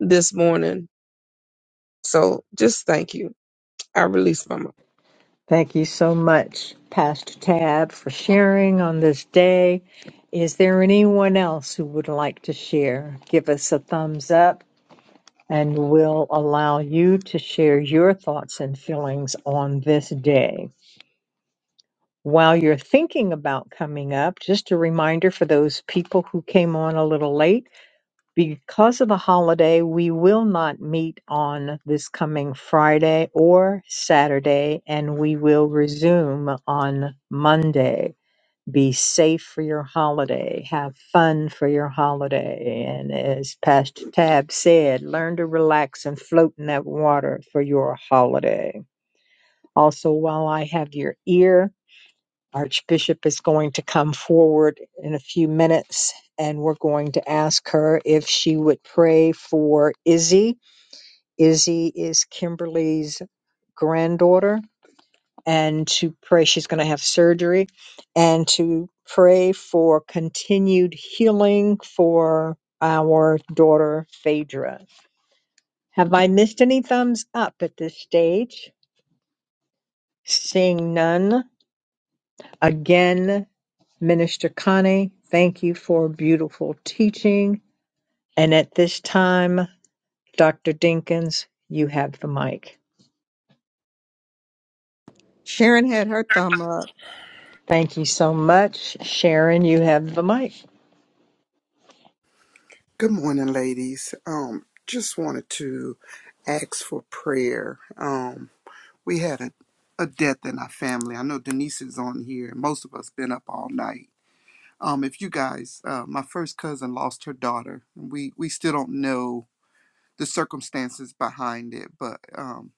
this morning. So, just thank you. I release my mic. Thank you so much, Pastor Tab, for sharing on this day. Is there anyone else who would like to share? Give us a thumbs up and we'll allow you to share your thoughts and feelings on this day. While you're thinking about coming up, just a reminder for those people who came on a little late. Because of the holiday, we will not meet on this coming Friday or Saturday, and we will resume on Monday. Be safe for your holiday. Have fun for your holiday. And as Pastor Tab said, learn to relax and float in that water for your holiday. Also, while I have your ear, Archbishop is going to come forward in a few minutes and we're going to ask her if she would pray for Izzy. Izzy is Kimberly's granddaughter and to pray she's going to have surgery and to pray for continued healing for our daughter Phaedra. Have I missed any thumbs up at this stage? Seeing none, again Minister Connie, thank you for a beautiful teaching. And at this time, Dr. Dinkins, you have the mic. Sharon had her thumb up. Thank you so much. Sharon, you have the mic. Good morning, ladies. Um, just wanted to ask for prayer. Um, we had a, a death in our family. I know Denise is on here. Most of us been up all night. Um, if you guys, uh, my first cousin lost her daughter. We we still don't know the circumstances behind it, but um,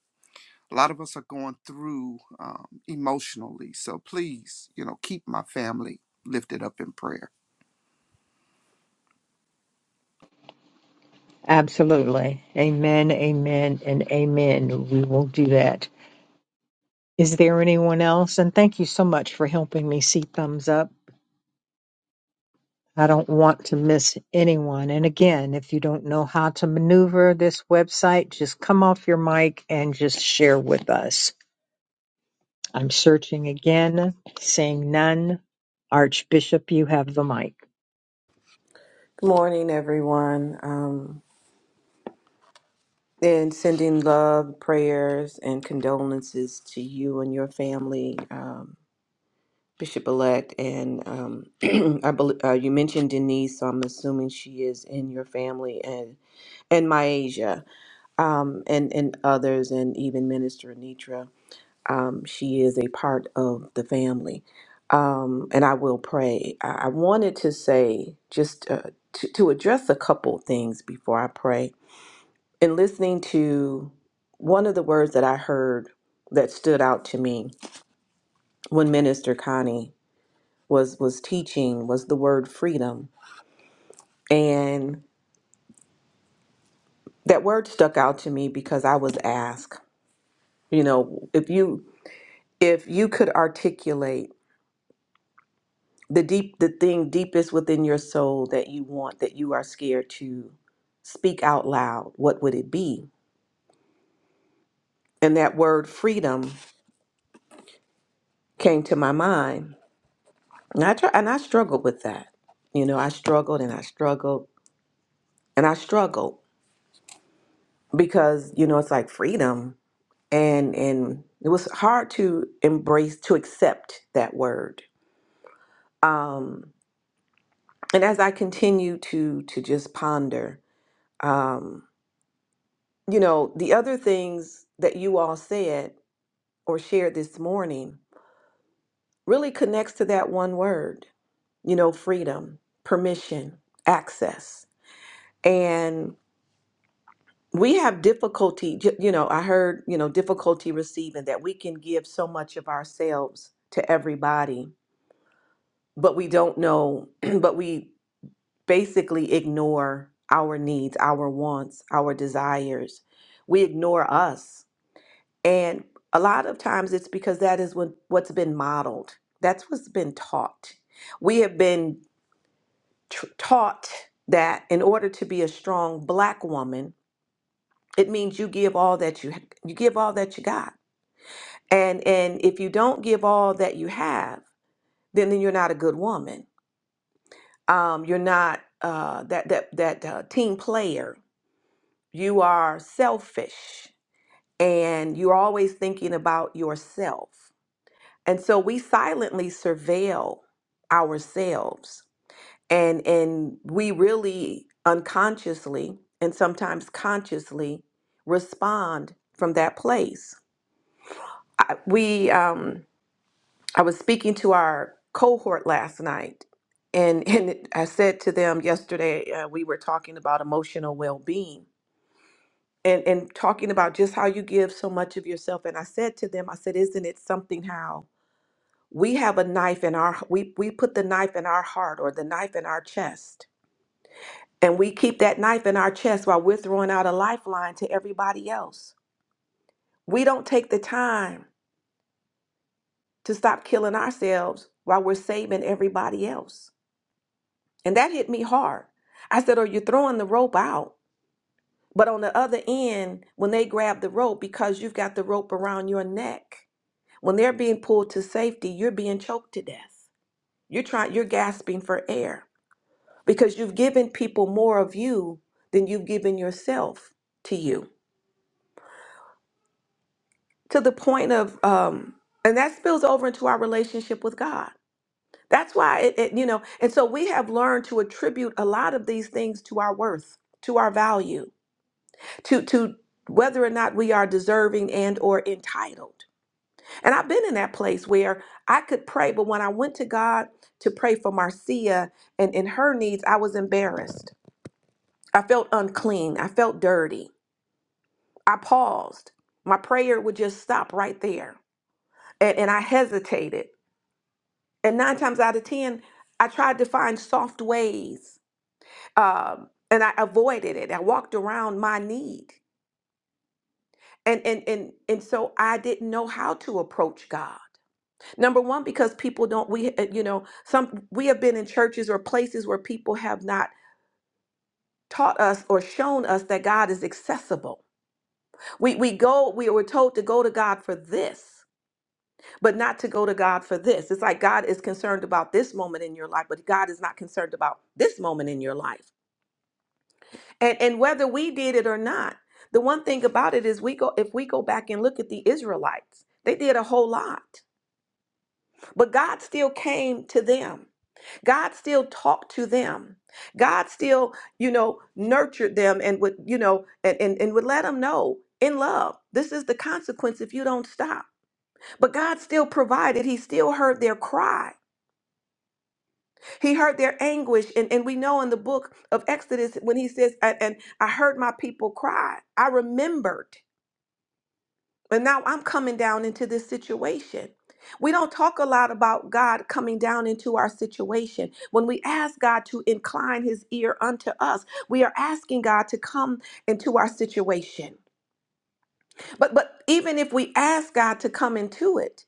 a lot of us are going through um, emotionally. So please, you know, keep my family lifted up in prayer. Absolutely. Amen, amen, and amen. We will do that. Is there anyone else? And thank you so much for helping me see thumbs up. I don't want to miss anyone. And again, if you don't know how to maneuver this website, just come off your mic and just share with us. I'm searching again, seeing none. Archbishop, you have the mic. Good morning, everyone. Um, and sending love, prayers, and condolences to you and your family, um, Bishop elect. And um, I bel uh, you mentioned Denise, so I'm assuming she is in your family, and and Myasia, um, and and others, and even Minister Anitra. um, she is a part of the family. Um, and I will pray. I, I wanted to say just uh, to, to address a couple things before I pray. In listening to one of the words that I heard that stood out to me when Minister Connie was was teaching was the word freedom, and that word stuck out to me because I was asked, you know, if you if you could articulate the deep the thing deepest within your soul that you want that you are scared to speak out loud what would it be and that word freedom came to my mind and i tr- and i struggled with that you know i struggled and i struggled and i struggled because you know it's like freedom and and it was hard to embrace to accept that word um and as i continue to to just ponder um, you know, the other things that you all said or shared this morning really connects to that one word, you know, freedom, permission, access. And we have difficulty, ju- you know, I heard, you know, difficulty receiving that we can give so much of ourselves to everybody, but we don't know, but we basically ignore our needs, our wants, our desires. We ignore us And a lot of times it's because that is what, what's been modeled. That's what's been taught. We have been tr- taught that in order to be a strong black woman, it means you give all that you you give all that you got. And and if you don't give all that you have, then, then you're not a good woman. Um, you're not uh, that that that uh, team player. You are selfish, and you're always thinking about yourself. And so we silently surveil ourselves and and we really unconsciously and sometimes consciously respond from that place. I, we um I was speaking to our cohort last night and and I said to them yesterday uh, we were talking about emotional well-being and and talking about just how you give so much of yourself and I said to them I said isn't it something how we have a knife in our we we put the knife in our heart or the knife in our chest and we keep that knife in our chest while we're throwing out a lifeline to everybody else we don't take the time to stop killing ourselves while we're saving everybody else and that hit me hard i said oh you're throwing the rope out but on the other end when they grab the rope because you've got the rope around your neck when they're being pulled to safety you're being choked to death you're trying you're gasping for air because you've given people more of you than you've given yourself to you to the point of um and that spills over into our relationship with god that's why it, it you know and so we have learned to attribute a lot of these things to our worth to our value to to whether or not we are deserving and or entitled and i've been in that place where i could pray but when i went to god to pray for marcia and in her needs i was embarrassed i felt unclean i felt dirty I paused. My prayer would just stop right there. And, and I hesitated. And nine times out of 10, I tried to find soft ways um, and I avoided it. I walked around my need. And, and, and, and so I didn't know how to approach God. Number one, because people don't, we, uh, you know, some, we have been in churches or places where people have not taught us or shown us that God is accessible. We, we go, we were told to go to God for this. but not to go to God for this. It's like God is concerned about this moment in your life, but God is not concerned about this moment in your life. And and whether we did it or not, the one thing about it is we go if we go back and look at the Israelites, they did a whole lot. But God still came to them. God still talked to them. God still, you know, nurtured them and would, you know, and and, and would let them know in love. This is the consequence if you don't stop. But God still provided. He still heard their cry. He heard their anguish. And, and we know in the book of Exodus when he says, "A- And I heard my people cry, I remembered. And now I'm coming down into this situation. We don't talk a lot about God coming down into our situation. When we ask God to incline his ear unto us, we are asking God to come into our situation. But but even if we ask God to come into it,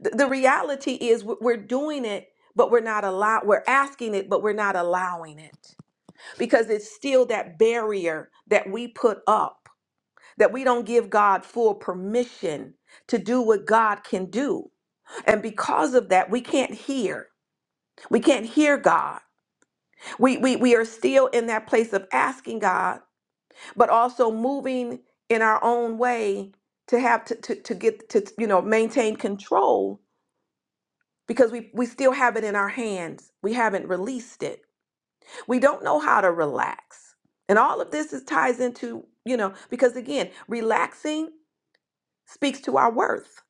the, the reality is we- we're doing it, but we're not allowed. We're asking it, but we're not allowing it. because it's still that barrier that we put up, that we don't give God full permission to do what God can do. And because of that, we can't hear. We can't hear God. We, we, we are still in that place of asking God, but also moving in our own way to have to, to, to get to, you know, maintain control because we, we still have it in our hands. We haven't released it. We don't know how to relax. And all of this is ties into, you know, because again, relaxing speaks to our worth.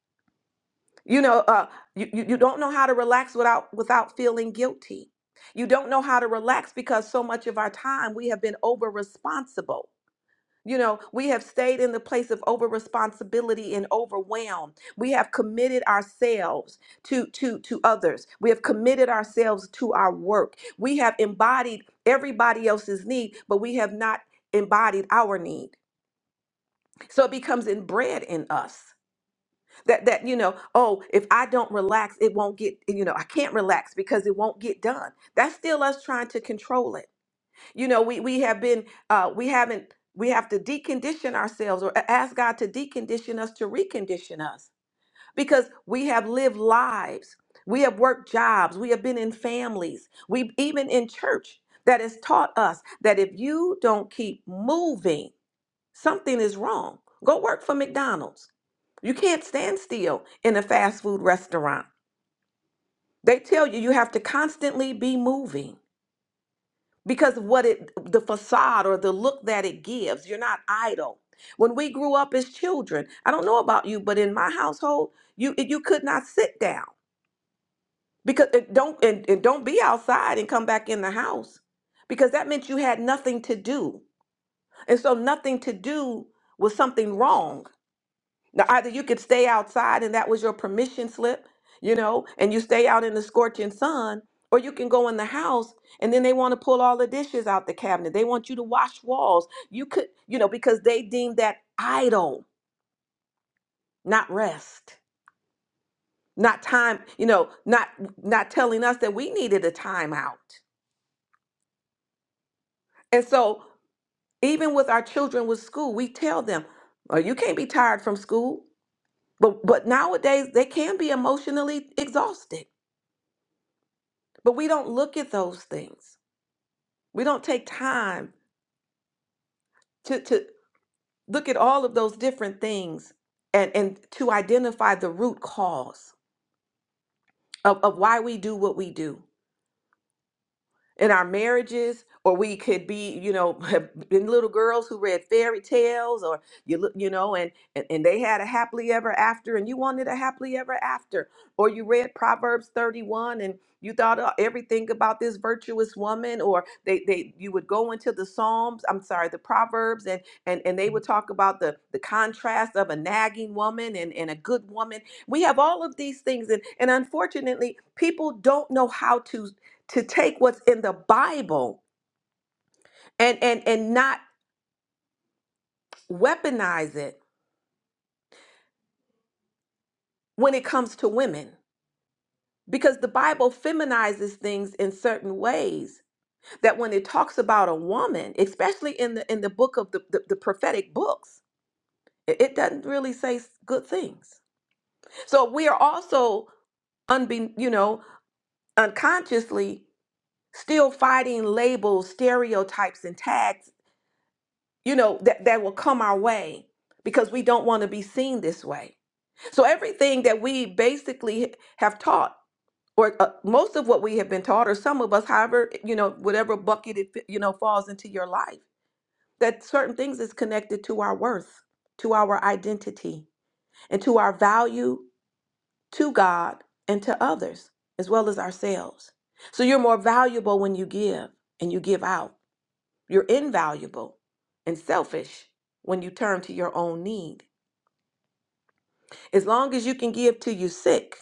You know, uh, you, you you don't know how to relax without without feeling guilty. You don't know how to relax because so much of our time we have been over responsible. You know, we have stayed in the place of over responsibility and overwhelm. We have committed ourselves to to to others. We have committed ourselves to our work. We have embodied everybody else's need, but we have not embodied our need. So it becomes inbred in us. That that you know, oh, if I don't relax, it won't get, you know, I can't relax because it won't get done. That's still us trying to control it you know we we have been uh we haven't we have to decondition ourselves or a- ask god to decondition us to recondition us because we have lived lives we have worked jobs we have been in families we even in church that has taught us that if you don't keep moving something is wrong go work for mcdonald's you can't stand still in a fast food restaurant they tell you you have to constantly be moving because of what it the facade or the look that it gives you're not idle when we grew up as children i don't know about you but in my household you you could not sit down because it don't and, and don't be outside and come back in the house because that meant you had nothing to do and so nothing to do was something wrong now, either you could stay outside and that was your permission slip, you know, and you stay out in the scorching sun, or you can go in the house and then they want to pull all the dishes out the cabinet. They want you to wash walls. You could, you know, because they deem that idle, not rest, not time, you know, not not telling us that we needed a timeout. And so even with our children with school, we tell them, oh, you can't be tired from school. But but nowadays they can be emotionally exhausted But we don't look at those things. We don't take time to, to look at all of those different things and, and to identify the root cause of, of why we do what we do. in our marriages or we could be you know have been little girls who read fairy tales or you look you know and, and and they had a happily ever after and you wanted a happily ever after or you read proverbs 31 and you thought uh, everything about this virtuous woman or they they you would go into the psalms i'm sorry the proverbs and and and they would talk about the the contrast of a nagging woman and and a good woman we have all of these things and and unfortunately people don't know how to to take what's in the Bible and and and not weaponize it when it comes to women because the Bible feminizes things in certain ways that when it talks about a woman, especially in the in the book of the, the, the prophetic books, it, it doesn't really say s- good things. So we are also unbe you know unconsciously still fighting labels, stereotypes, and tags you know, that, that will come our way because we don't want to be seen this way. So everything that we basically have taught, or uh, most of what we have been taught, or some of us, however, you know, whatever bucket it, fi- you know, falls into your life, that certain things is connected to our worth, to our identity, and to our value to God and to others, as well as ourselves. So you're more valuable when you give and you give out. You're invaluable and selfish when you turn to your own need. As long as you can give to you sick,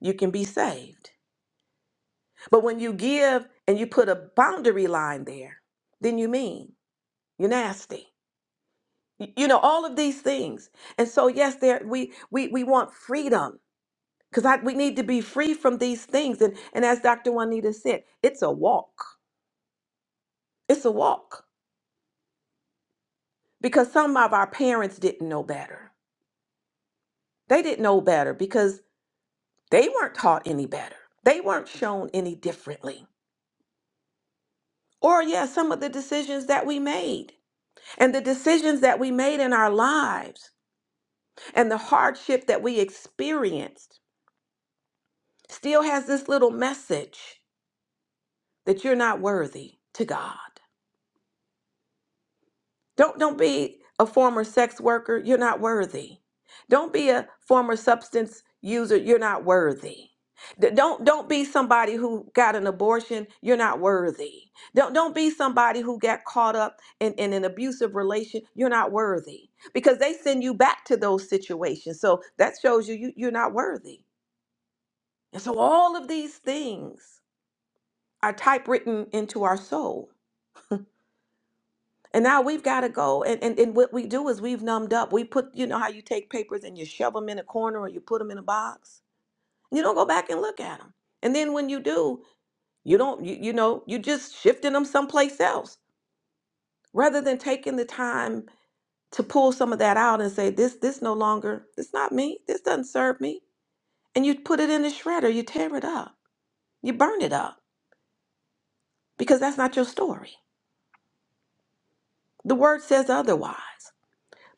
you can be saved. But when you give and you put a boundary line there, then you mean you're nasty. Y- You know all of these things. And so yes, there we we we want freedom because we need to be free from these things. And and as Dr. Juanita said, it's a walk. It's a walk because some of our parents didn't know better. They didn't know better because They weren't taught any better. They weren't shown any differently. Or, yeah, some of the decisions that we made and the decisions that we made in our lives and the hardship that we experienced still has this little message that you're not worthy to God. Don't don't be a former sex worker, you're not worthy. Don't be a former substance user, you're not worthy. D- Don't don't be somebody who got an abortion, you're not worthy. Don't don't be somebody who got caught up in, in an abusive relation, you're not worthy. Because they send you back to those situations. So that shows you, you you're not worthy. And so all of these things are typewritten into our soul. And now we've got to go. And, and, and what we do is we've numbed up. We put, you know, how you take papers and you shove them in a corner or you put them in a box. And you don't go back and look at them. And then when you do, you don't, you, you know, you just shifting them someplace else rather than taking the time to pull some of that out and say, this, this no longer, this not me. This doesn't serve me. And you put it in the shredder, you tear it up, you burn it up because that's not your story. The word says otherwise.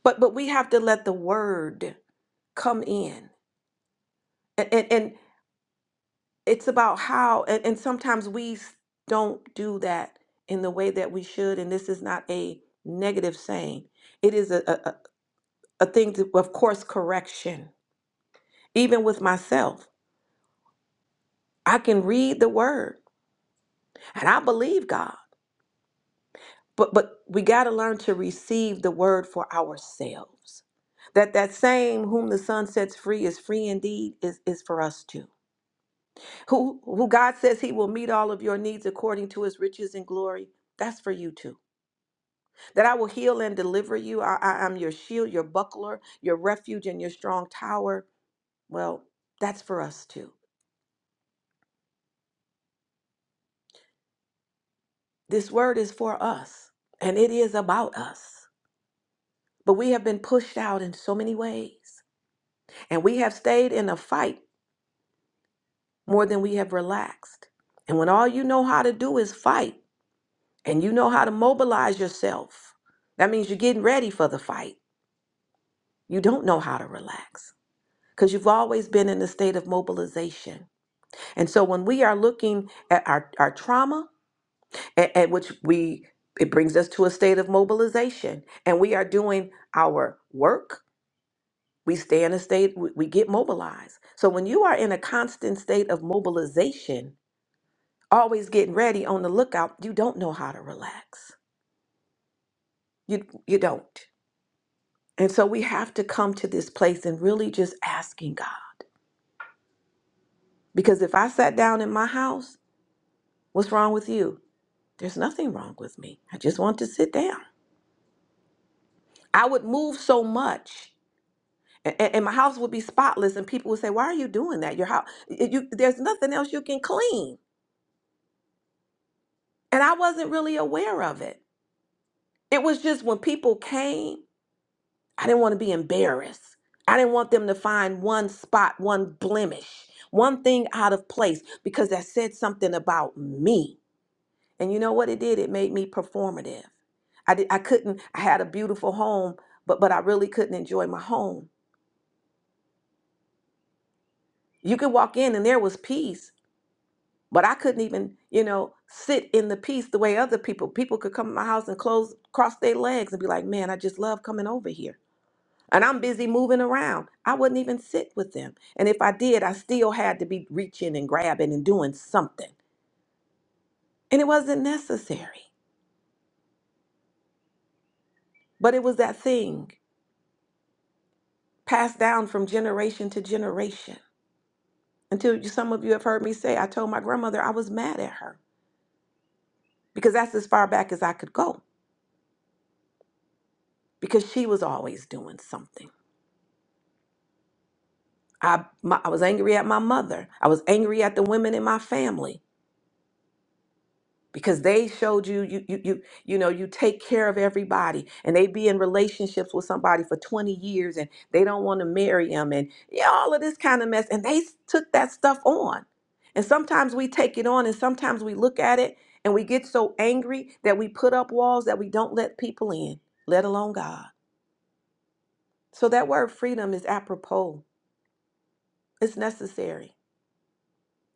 But, but we have to let the word come in. And, and, and it's about how and, and sometimes we s- don't do that in the way that we should and this is not a negative saying it is a, a, a a thing to, of course correction even with myself i can read the word and i believe god but but we got to learn to receive the word for ourselves that that same whom the son sets free is free indeed is is for us too who who god says he will meet all of your needs according to his riches and glory that's for you too that I will heal and deliver you. I, I, am your shield, your buckler, your refuge, and your strong tower. Well, that's for us too. This word is for us, and it is about us. But we have been pushed out in so many ways, and we have stayed in a fight more than we have relaxed. And when all you know how to do is fight, and you know how to mobilize yourself, that means you're getting ready for the fight. You don't know how to relax because you've always been in a state of mobilization. And so when we are looking at our, our trauma, at, at which we it brings us to a state of mobilization and we are doing our work, we stay in a state, we, we get mobilized. So when you are in a constant state of mobilization, always getting ready on the lookout, you don't know how to relax. You you don't. And so we have to come to this place and really just asking God. Because if I sat down in my house, what's wrong with you? There's nothing wrong with me. I just want to sit down. I would move so much, and, and my house would be spotless, and people would say, "Why are you doing that? Your house, you, there's nothing else you can clean." And I wasn't really aware of it. It was just when people came, I didn't want to be embarrassed. I didn't want them to find one spot, one blemish, one thing out of place, because that said something about me. And you know what it did? It made me performative. I did, I couldn't. I had a beautiful home, but but I really couldn't enjoy my home. You could walk in and there was peace But I couldn't even, you know, sit in the peace the way other people. People could come to my house and close, cross their legs and be like, man, I just love coming over here. And I'm busy moving around. I wouldn't even sit with them. And if I did, I still had to be reaching and grabbing and doing something. And it wasn't necessary. But it was that thing passed down from generation to generation. Until you- some of you have heard me say, I told my grandmother I was mad at her because that's as far back as I could go because she was always doing something. I, my, I was angry at my mother. I was angry at the women in my family because they showed you, you, you, you, you know, you take care of everybody and they be in relationships with somebody for 20 years and they don't want to marry them and yeah, all of this kind of mess. And they s- took that stuff on. And sometimes we take it on and sometimes we look at it and we get so angry that we put up walls that we don't let people in, let alone God. So that word freedom is apropos. It's necessary.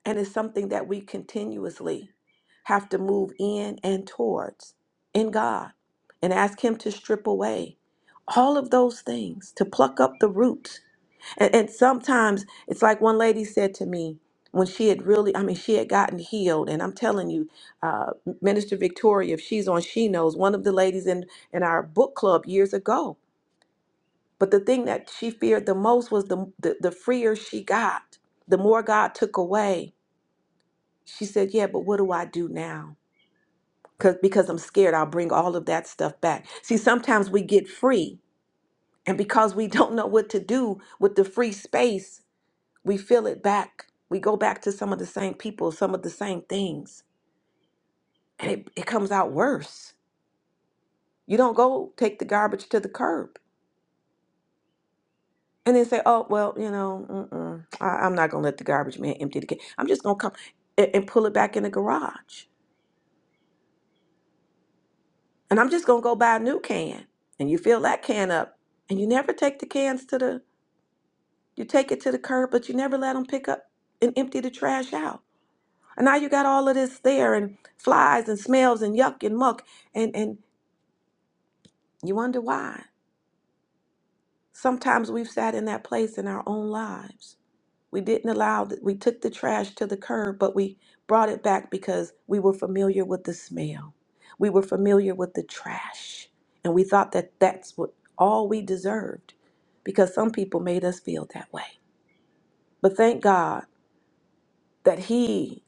And it's something that we continuously have to move in and towards in God and ask Him to strip away all of those things, to pluck up the roots. And, and sometimes it's like one lady said to me when she had really, I mean, she had gotten healed. And I'm telling you, uh, Minister Victoria, if she's on, she knows, one of the ladies in, in our book club years ago. But the thing that she feared the most was the, the, the freer she got, the more God took away she said, Yeah, but what do I do now? Cause, because I'm scared I'll bring all of that stuff back. See, sometimes we get free, and because we don't know what to do with the free space, we fill it back. We go back to some of the same people, some of the same things, and it, it comes out worse. You don't go take the garbage to the curb and then say, Oh, well, you know, mm-mm, I, I'm not going to let the garbage man empty the can. I'm just going to come and, and pull it back in the garage. and I'm just gonna go buy a new can. And you fill that can up, and you never take the cans to the, you take it to the curb, but you never let them pick up and empty the trash out. And now you got all of this there, and flies and smells and yuck and muck, and and you wonder why. Sometimes we've sat in that place in our own lives. We didn't allow that. We took the trash to the curb, but we brought it back because we were familiar with the smell. We were familiar with the trash. And we thought that that's what all we deserved because some people made us feel that way. But thank God that He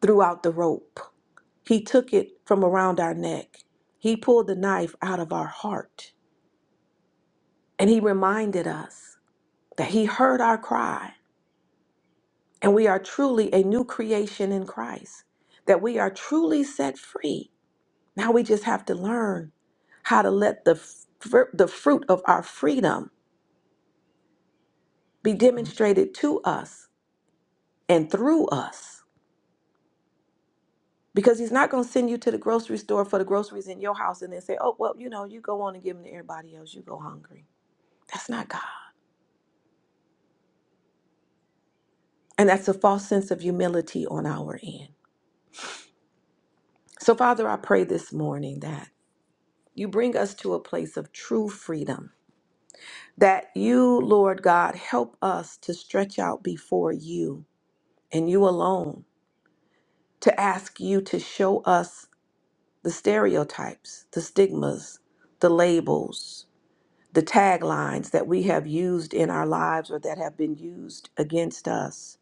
threw out the rope. He took it from around our neck. He pulled the knife out of our heart. And He reminded us that He heard our cry and we are truly a new creation in Christ, that we are truly set free. Now we just have to learn how to let the, fr- the fruit of our freedom be demonstrated to us and through us. Because he's not going to send you to the grocery store for the groceries in your house and then say, oh, well, you know, you go on and give them to everybody else. You go hungry. That's not God. And that's a false sense of humility on our end. So, Father, I pray this morning that you bring us to a place of true freedom that you, Lord God, help us to stretch out before you and you alone, to ask you to show us the stereotypes, the stigmas, the labels, the taglines that we have used in our lives or that have been used against us,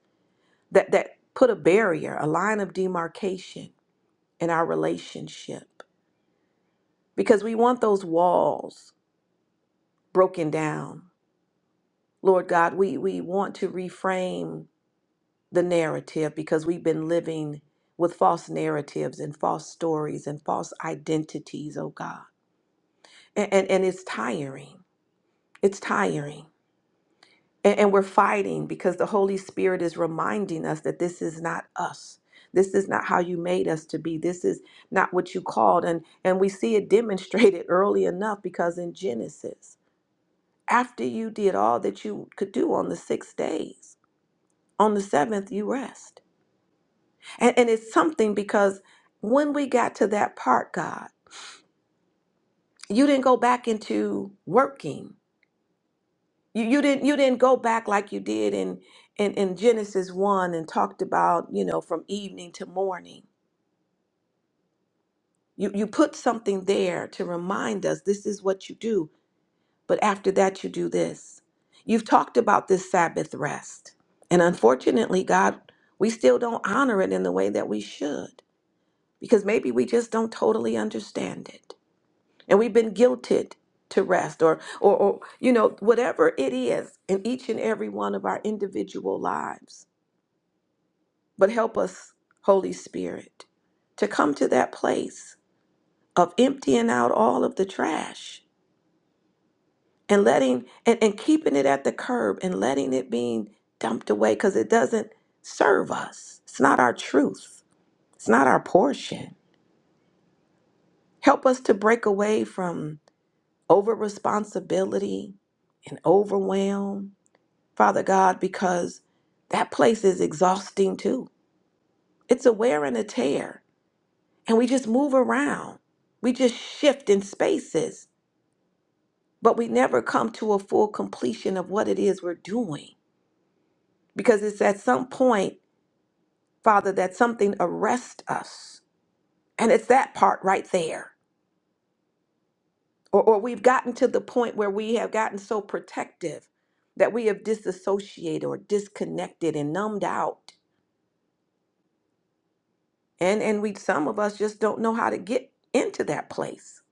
that, that put a barrier, a line of demarcation in our relationship. Because we want those walls broken down. Lord God, we, we want to reframe the narrative because we've been living with false narratives and false stories and false identities, oh God. And, and, and it's tiring. It's tiring. And, and we're fighting because the Holy Spirit is reminding us that this is not us. This is not how you made us to be. This is not what you called. And, and we see it demonstrated early enough because in Genesis, after you did all that you could do on the six days, on the seventh, you rest. And, and it's something because when we got to that part, God, you didn't go back into working. You, you didn't you didn't go back like you did in, in in Genesis one and talked about you know from evening to morning. You you put something there to remind us this is what you do. But after that, you do this. You've talked about this Sabbath rest, and unfortunately, God, we still don't honor it in the way that we should because maybe we just don't totally understand it. and we've been guilted to rest or, or or you know whatever it is in each and every one of our individual lives but help us holy spirit to come to that place of emptying out all of the trash and letting and, and keeping it at the curb and letting it being dumped away because it doesn't serve us it's not our truth it's not our portion help us to break away from over responsibility and overwhelm Father God, because that place is exhausting too. It's a wear and a tear. And we just move around, we just shift in spaces, but we never come to a full completion of what it is we're doing. Because it's at some point, Father, that something arrests us. And it's that part right there. Or, or we've gotten to the point where we have gotten so protective that we have disassociated or disconnected and numbed out and and we some of us just don't know how to get into that place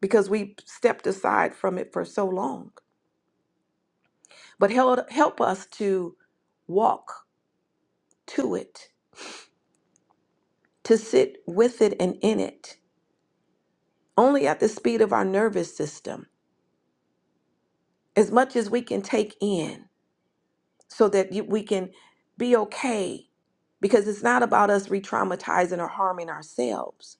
because we stepped aside from it for so long but help help us to walk to it to sit with it and in it only at the speed of our nervous system as much as we can take in so that you- we can be okay because it's not about us re-traumatizing or harming ourselves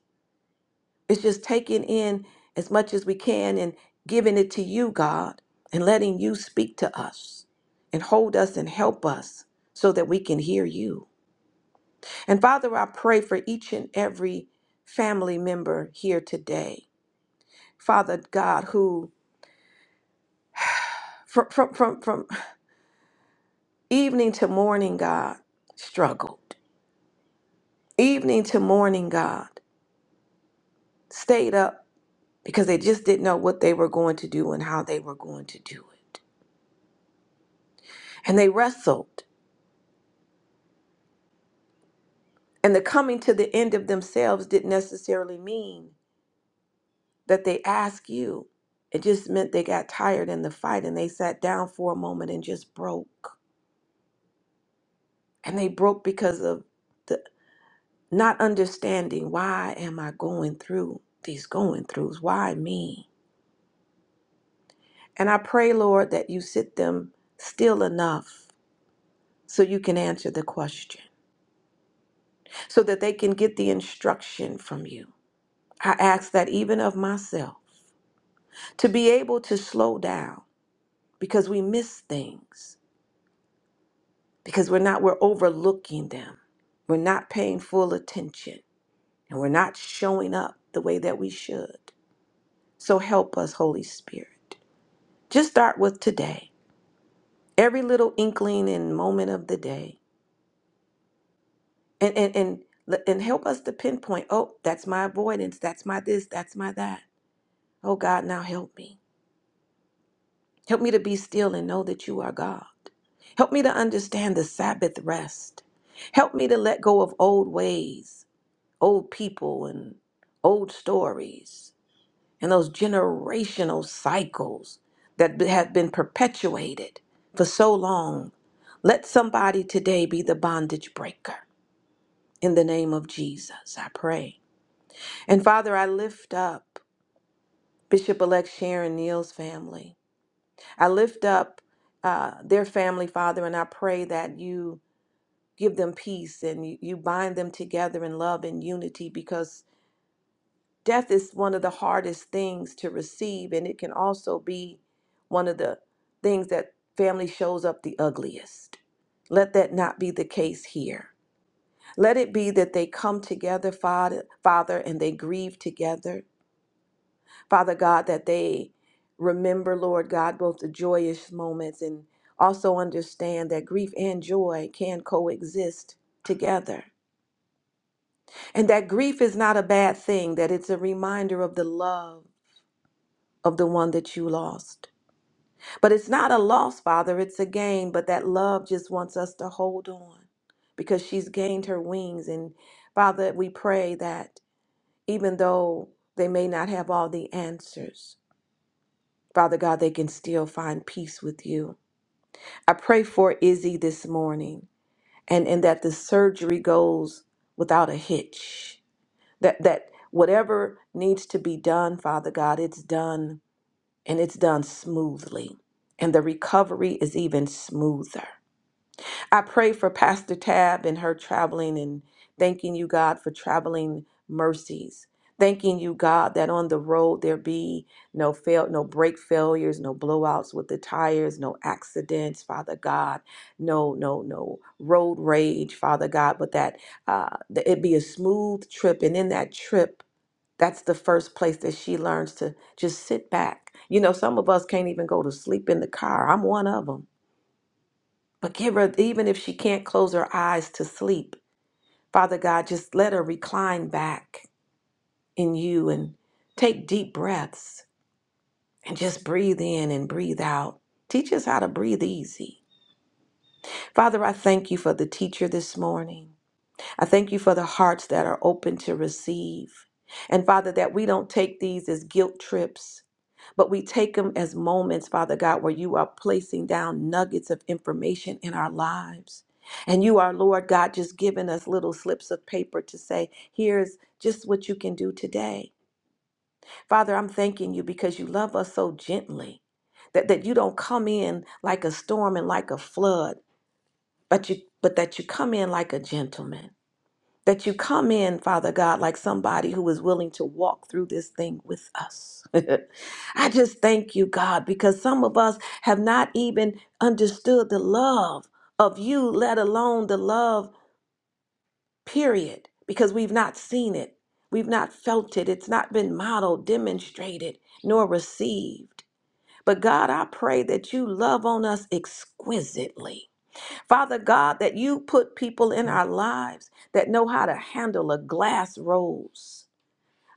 It's just taking in as much as we can and giving it to you, God, and letting you speak to us and hold us and help us so that we can hear you. And Father, I pray for each and every family member here today. Father God, who from, from, from, from evening to morning, God, struggled. Evening to morning, God, stayed up because they just didn't know what they were going to do and how they were going to do it. And they wrestled And the coming to the end of themselves didn't necessarily mean that they asked you. It just meant they got tired in the fight and they sat down for a moment and just broke. And they broke because of the not understanding why am I going through these going throughs? Why me? And I pray, Lord, that you sit them still enough so you can answer the question, so that they can get the instruction from you. I ask that even of myself to be able to slow down because we miss things, because we're not, we're overlooking them. We're not paying full attention and we're not showing up the way that we should. So help us, Holy Spirit. Just start with today, every little inkling and moment of the day, and, and, and, and help us to pinpoint oh, that's my avoidance, that's my this, that's my that. Oh God, now help me. Help me to be still and know that you are God. Help me to understand the Sabbath rest. Help me to let go of old ways, old people, and old stories, and those generational cycles that b- have been perpetuated for so long. Let somebody today be the bondage breaker. In the name of Jesus, I pray. And Father, I lift up Bishop elect Sharon Neal's family. I lift up uh, their family, Father, and I pray that you give them peace and you, you bind them together in love and unity because death is one of the hardest things to receive, and it can also be one of the things that family shows up the ugliest. Let that not be the case here. Let it be that they come together, Father, Father, and they grieve together Father God, that they remember, Lord God, both the joyous moments and also understand that grief and joy can coexist together. And that grief is not a bad thing, that it's a reminder of the love of the one that you lost. But it's not a loss, Father, it's a gain, but that love just wants us to hold on because she's gained her wings. And Father, we pray that even though they may not have all the answers, Father God, they can still find peace with you. I pray for Izzy this morning and, and that the surgery goes without a hitch. That that whatever needs to be done, Father God, it's done and it's done smoothly. And the recovery is even smoother. I pray for Pastor Tab and her traveling and thanking you, God, for traveling mercies. Thanking you, God, that on the road there be no fail, no brake failures, no blowouts with the tires, no accidents, Father God, no, no, no road rage, Father God, but that, uh, that it be a smooth trip. And in that trip, that's the first place that she learns to just sit back. You know, some of us can't even go to sleep in the car. I'm one of them. But give her, even if she can't close her eyes to sleep, Father God, just let her recline back in you and take deep breaths and just breathe in and breathe out. Teach us how to breathe easy. Father, I thank you for the teacher this morning. I thank you for the hearts that are open to receive. And Father, that we don't take these as guilt trips, but we take them as moments, Father God, where you are placing down nuggets of information in our lives. And you are, Lord God, just giving us little slips of paper to say, here's just what you can do today. Father, I'm thanking you because you love us so gently that, that you don't come in like a storm and like a flood, but you but that you come in like a gentleman that you come in, Father God, like somebody who is willing to walk through this thing with us. I just thank you, God, because some of us have not even understood the love of you, let alone the love, period, because we've not seen it. We've not felt it. It's not been modeled, demonstrated, nor received. But God, I pray that you love on us exquisitely Father God, that you put people in our lives that know how to handle a glass rose.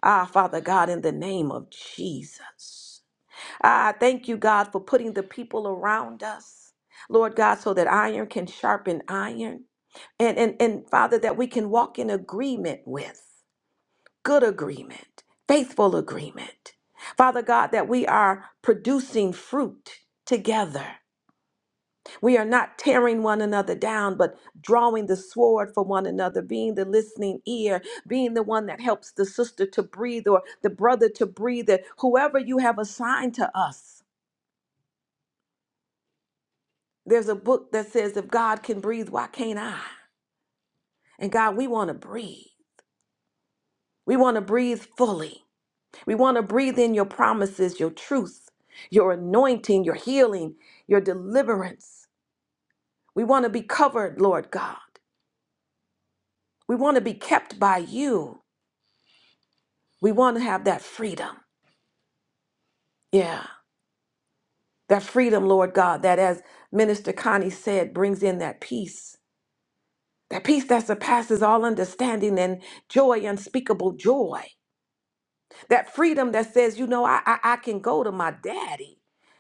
Ah, Father God, in the name of Jesus. Ah, I thank you, God, for putting the people around us, Lord God, so that iron can sharpen iron. And, and, and Father, that we can walk in agreement with good agreement, faithful agreement. Father God, that we are producing fruit together. We are not tearing one another down, but drawing the sword for one another, being the listening ear, being the one that helps the sister to breathe or the brother to breathe, that whoever you have assigned to us. There's a book that says, If God can breathe, why can't I? And God, we want to breathe. We want to breathe fully. We want to breathe in your promises, your truth, your anointing, your healing, your deliverance. We want to be covered, Lord God. We want to be kept by you. We want to have that freedom. Yeah. That freedom, Lord God, that as Minister Connie said, brings in that peace. That peace that surpasses all understanding and joy, unspeakable joy. That freedom that says, you know, I, I, I can go to my daddy.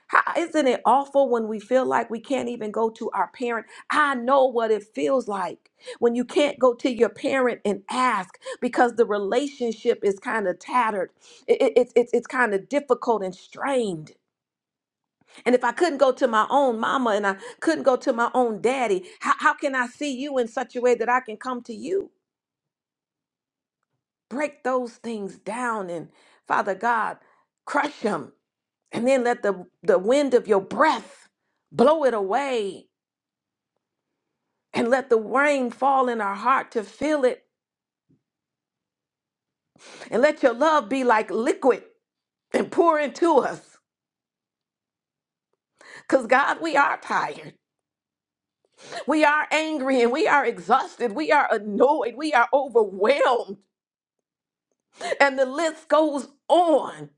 How, isn't it awful when we feel like we can't even go to our parent? I know what it feels like when you can't go to your parent and ask because the relationship is kind of tattered. It, it, it's it's kind of difficult and strained. And if I couldn't go to my own mama and I couldn't go to my own daddy, how, how can I see you in such a way that I can come to you? Break those things down and Father God, crush them. And then let the, the wind of your breath blow it away. And let the rain fall in our heart to feel it. And let your love be like liquid and pour into us. Because God, we are tired. We are angry and we are exhausted. We are annoyed. We are overwhelmed. And the list goes on.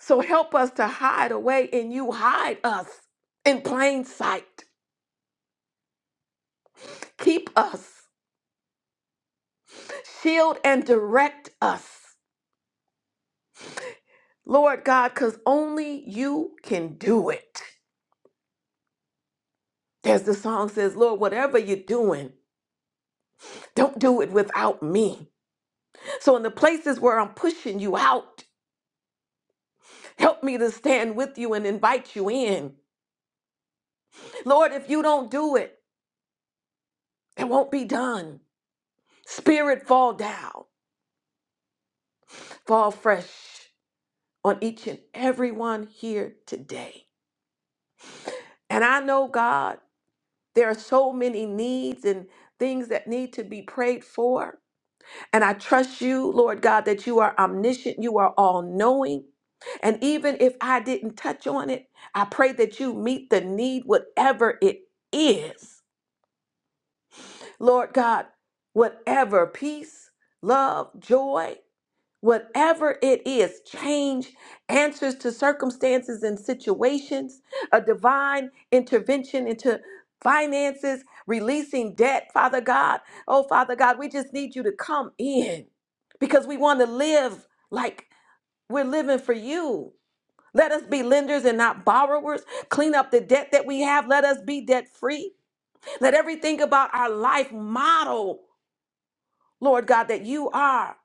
So help us to hide away in you. Hide us in plain sight. Keep us. Shield and direct us. Lord God, because only you can do it. As the song says, Lord, whatever you're doing, don't do it without me. So, in the places where I'm pushing you out, help me to stand with you and invite you in. Lord, if you don't do it, it won't be done. Spirit, fall down. fall fresh on each and every one here today. And I know, God, there are so many needs and things that need to be prayed for. And I trust you, Lord God, that you are omniscient, you are all knowing. And even if I didn't touch on it, I pray that you meet the need, whatever it is. Lord God, whatever peace, love, joy, whatever it is change answers to circumstances and situations a divine intervention into finances releasing debt father god oh father god we just need you to come in because we want to live like we're living for you let us be lenders and not borrowers. Clean up the debt that we have. Let us be debt free. Let everything about our life model, Lord God, that you are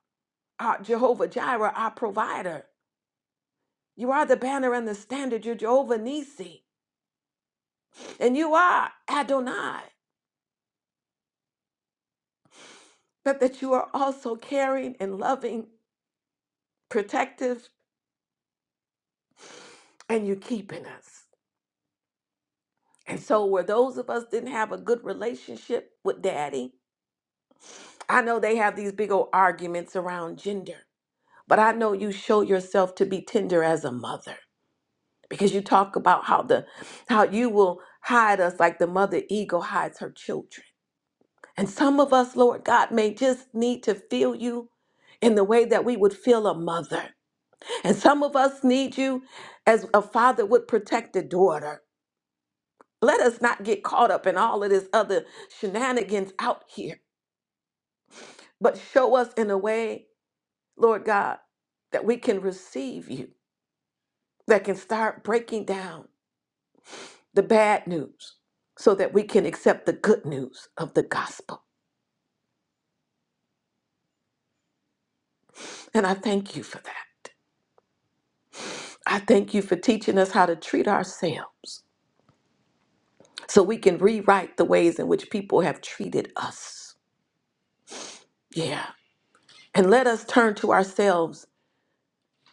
our Jehovah Jireh, our provider. You are the banner and the standard. You're Jehovah Nisi. And you are Adonai. But that you are also caring and loving, protective, and you're keeping us. And so, where those of us didn't have a good relationship with daddy, I know they have these big old arguments around gender, but I know you show yourself to be tender as a mother because you talk about how the how you will hide us like the mother eagle hides her children And some of us, Lord God, may just need to feel you in the way that we would feel a mother. And some of us need you as a father would protect a daughter. Let us not get caught up in all of this other shenanigans out here, but show us in a way, Lord God, that we can receive you, that can start breaking down the bad news so that we can accept the good news of the gospel. And I thank you for that. I thank you for teaching us how to treat ourselves so we can rewrite the ways in which people have treated us. Yeah. And let us turn to ourselves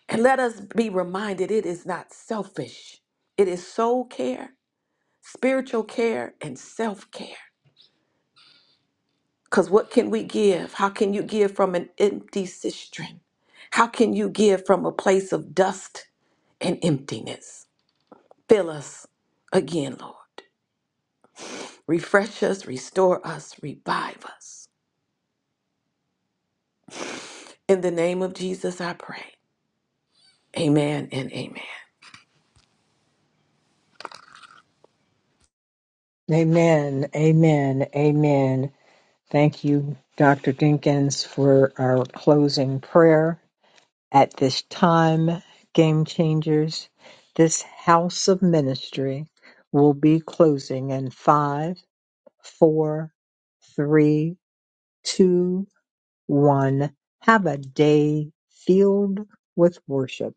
and let us be reminded it is not selfish, it is soul care, spiritual care, and self care. Because what can we give? How can you give from an empty cistern? How can you give from a place of dust and emptiness? Fill us again, Lord. Refresh us, restore us, revive us. In the name of Jesus, I pray. Amen and amen. Amen. Amen. Amen. Thank you, Dr. Dinkins, for our closing prayer. At this time, game changers, this house of ministry will be closing in five, four, three, two, one. Have a day filled with worship.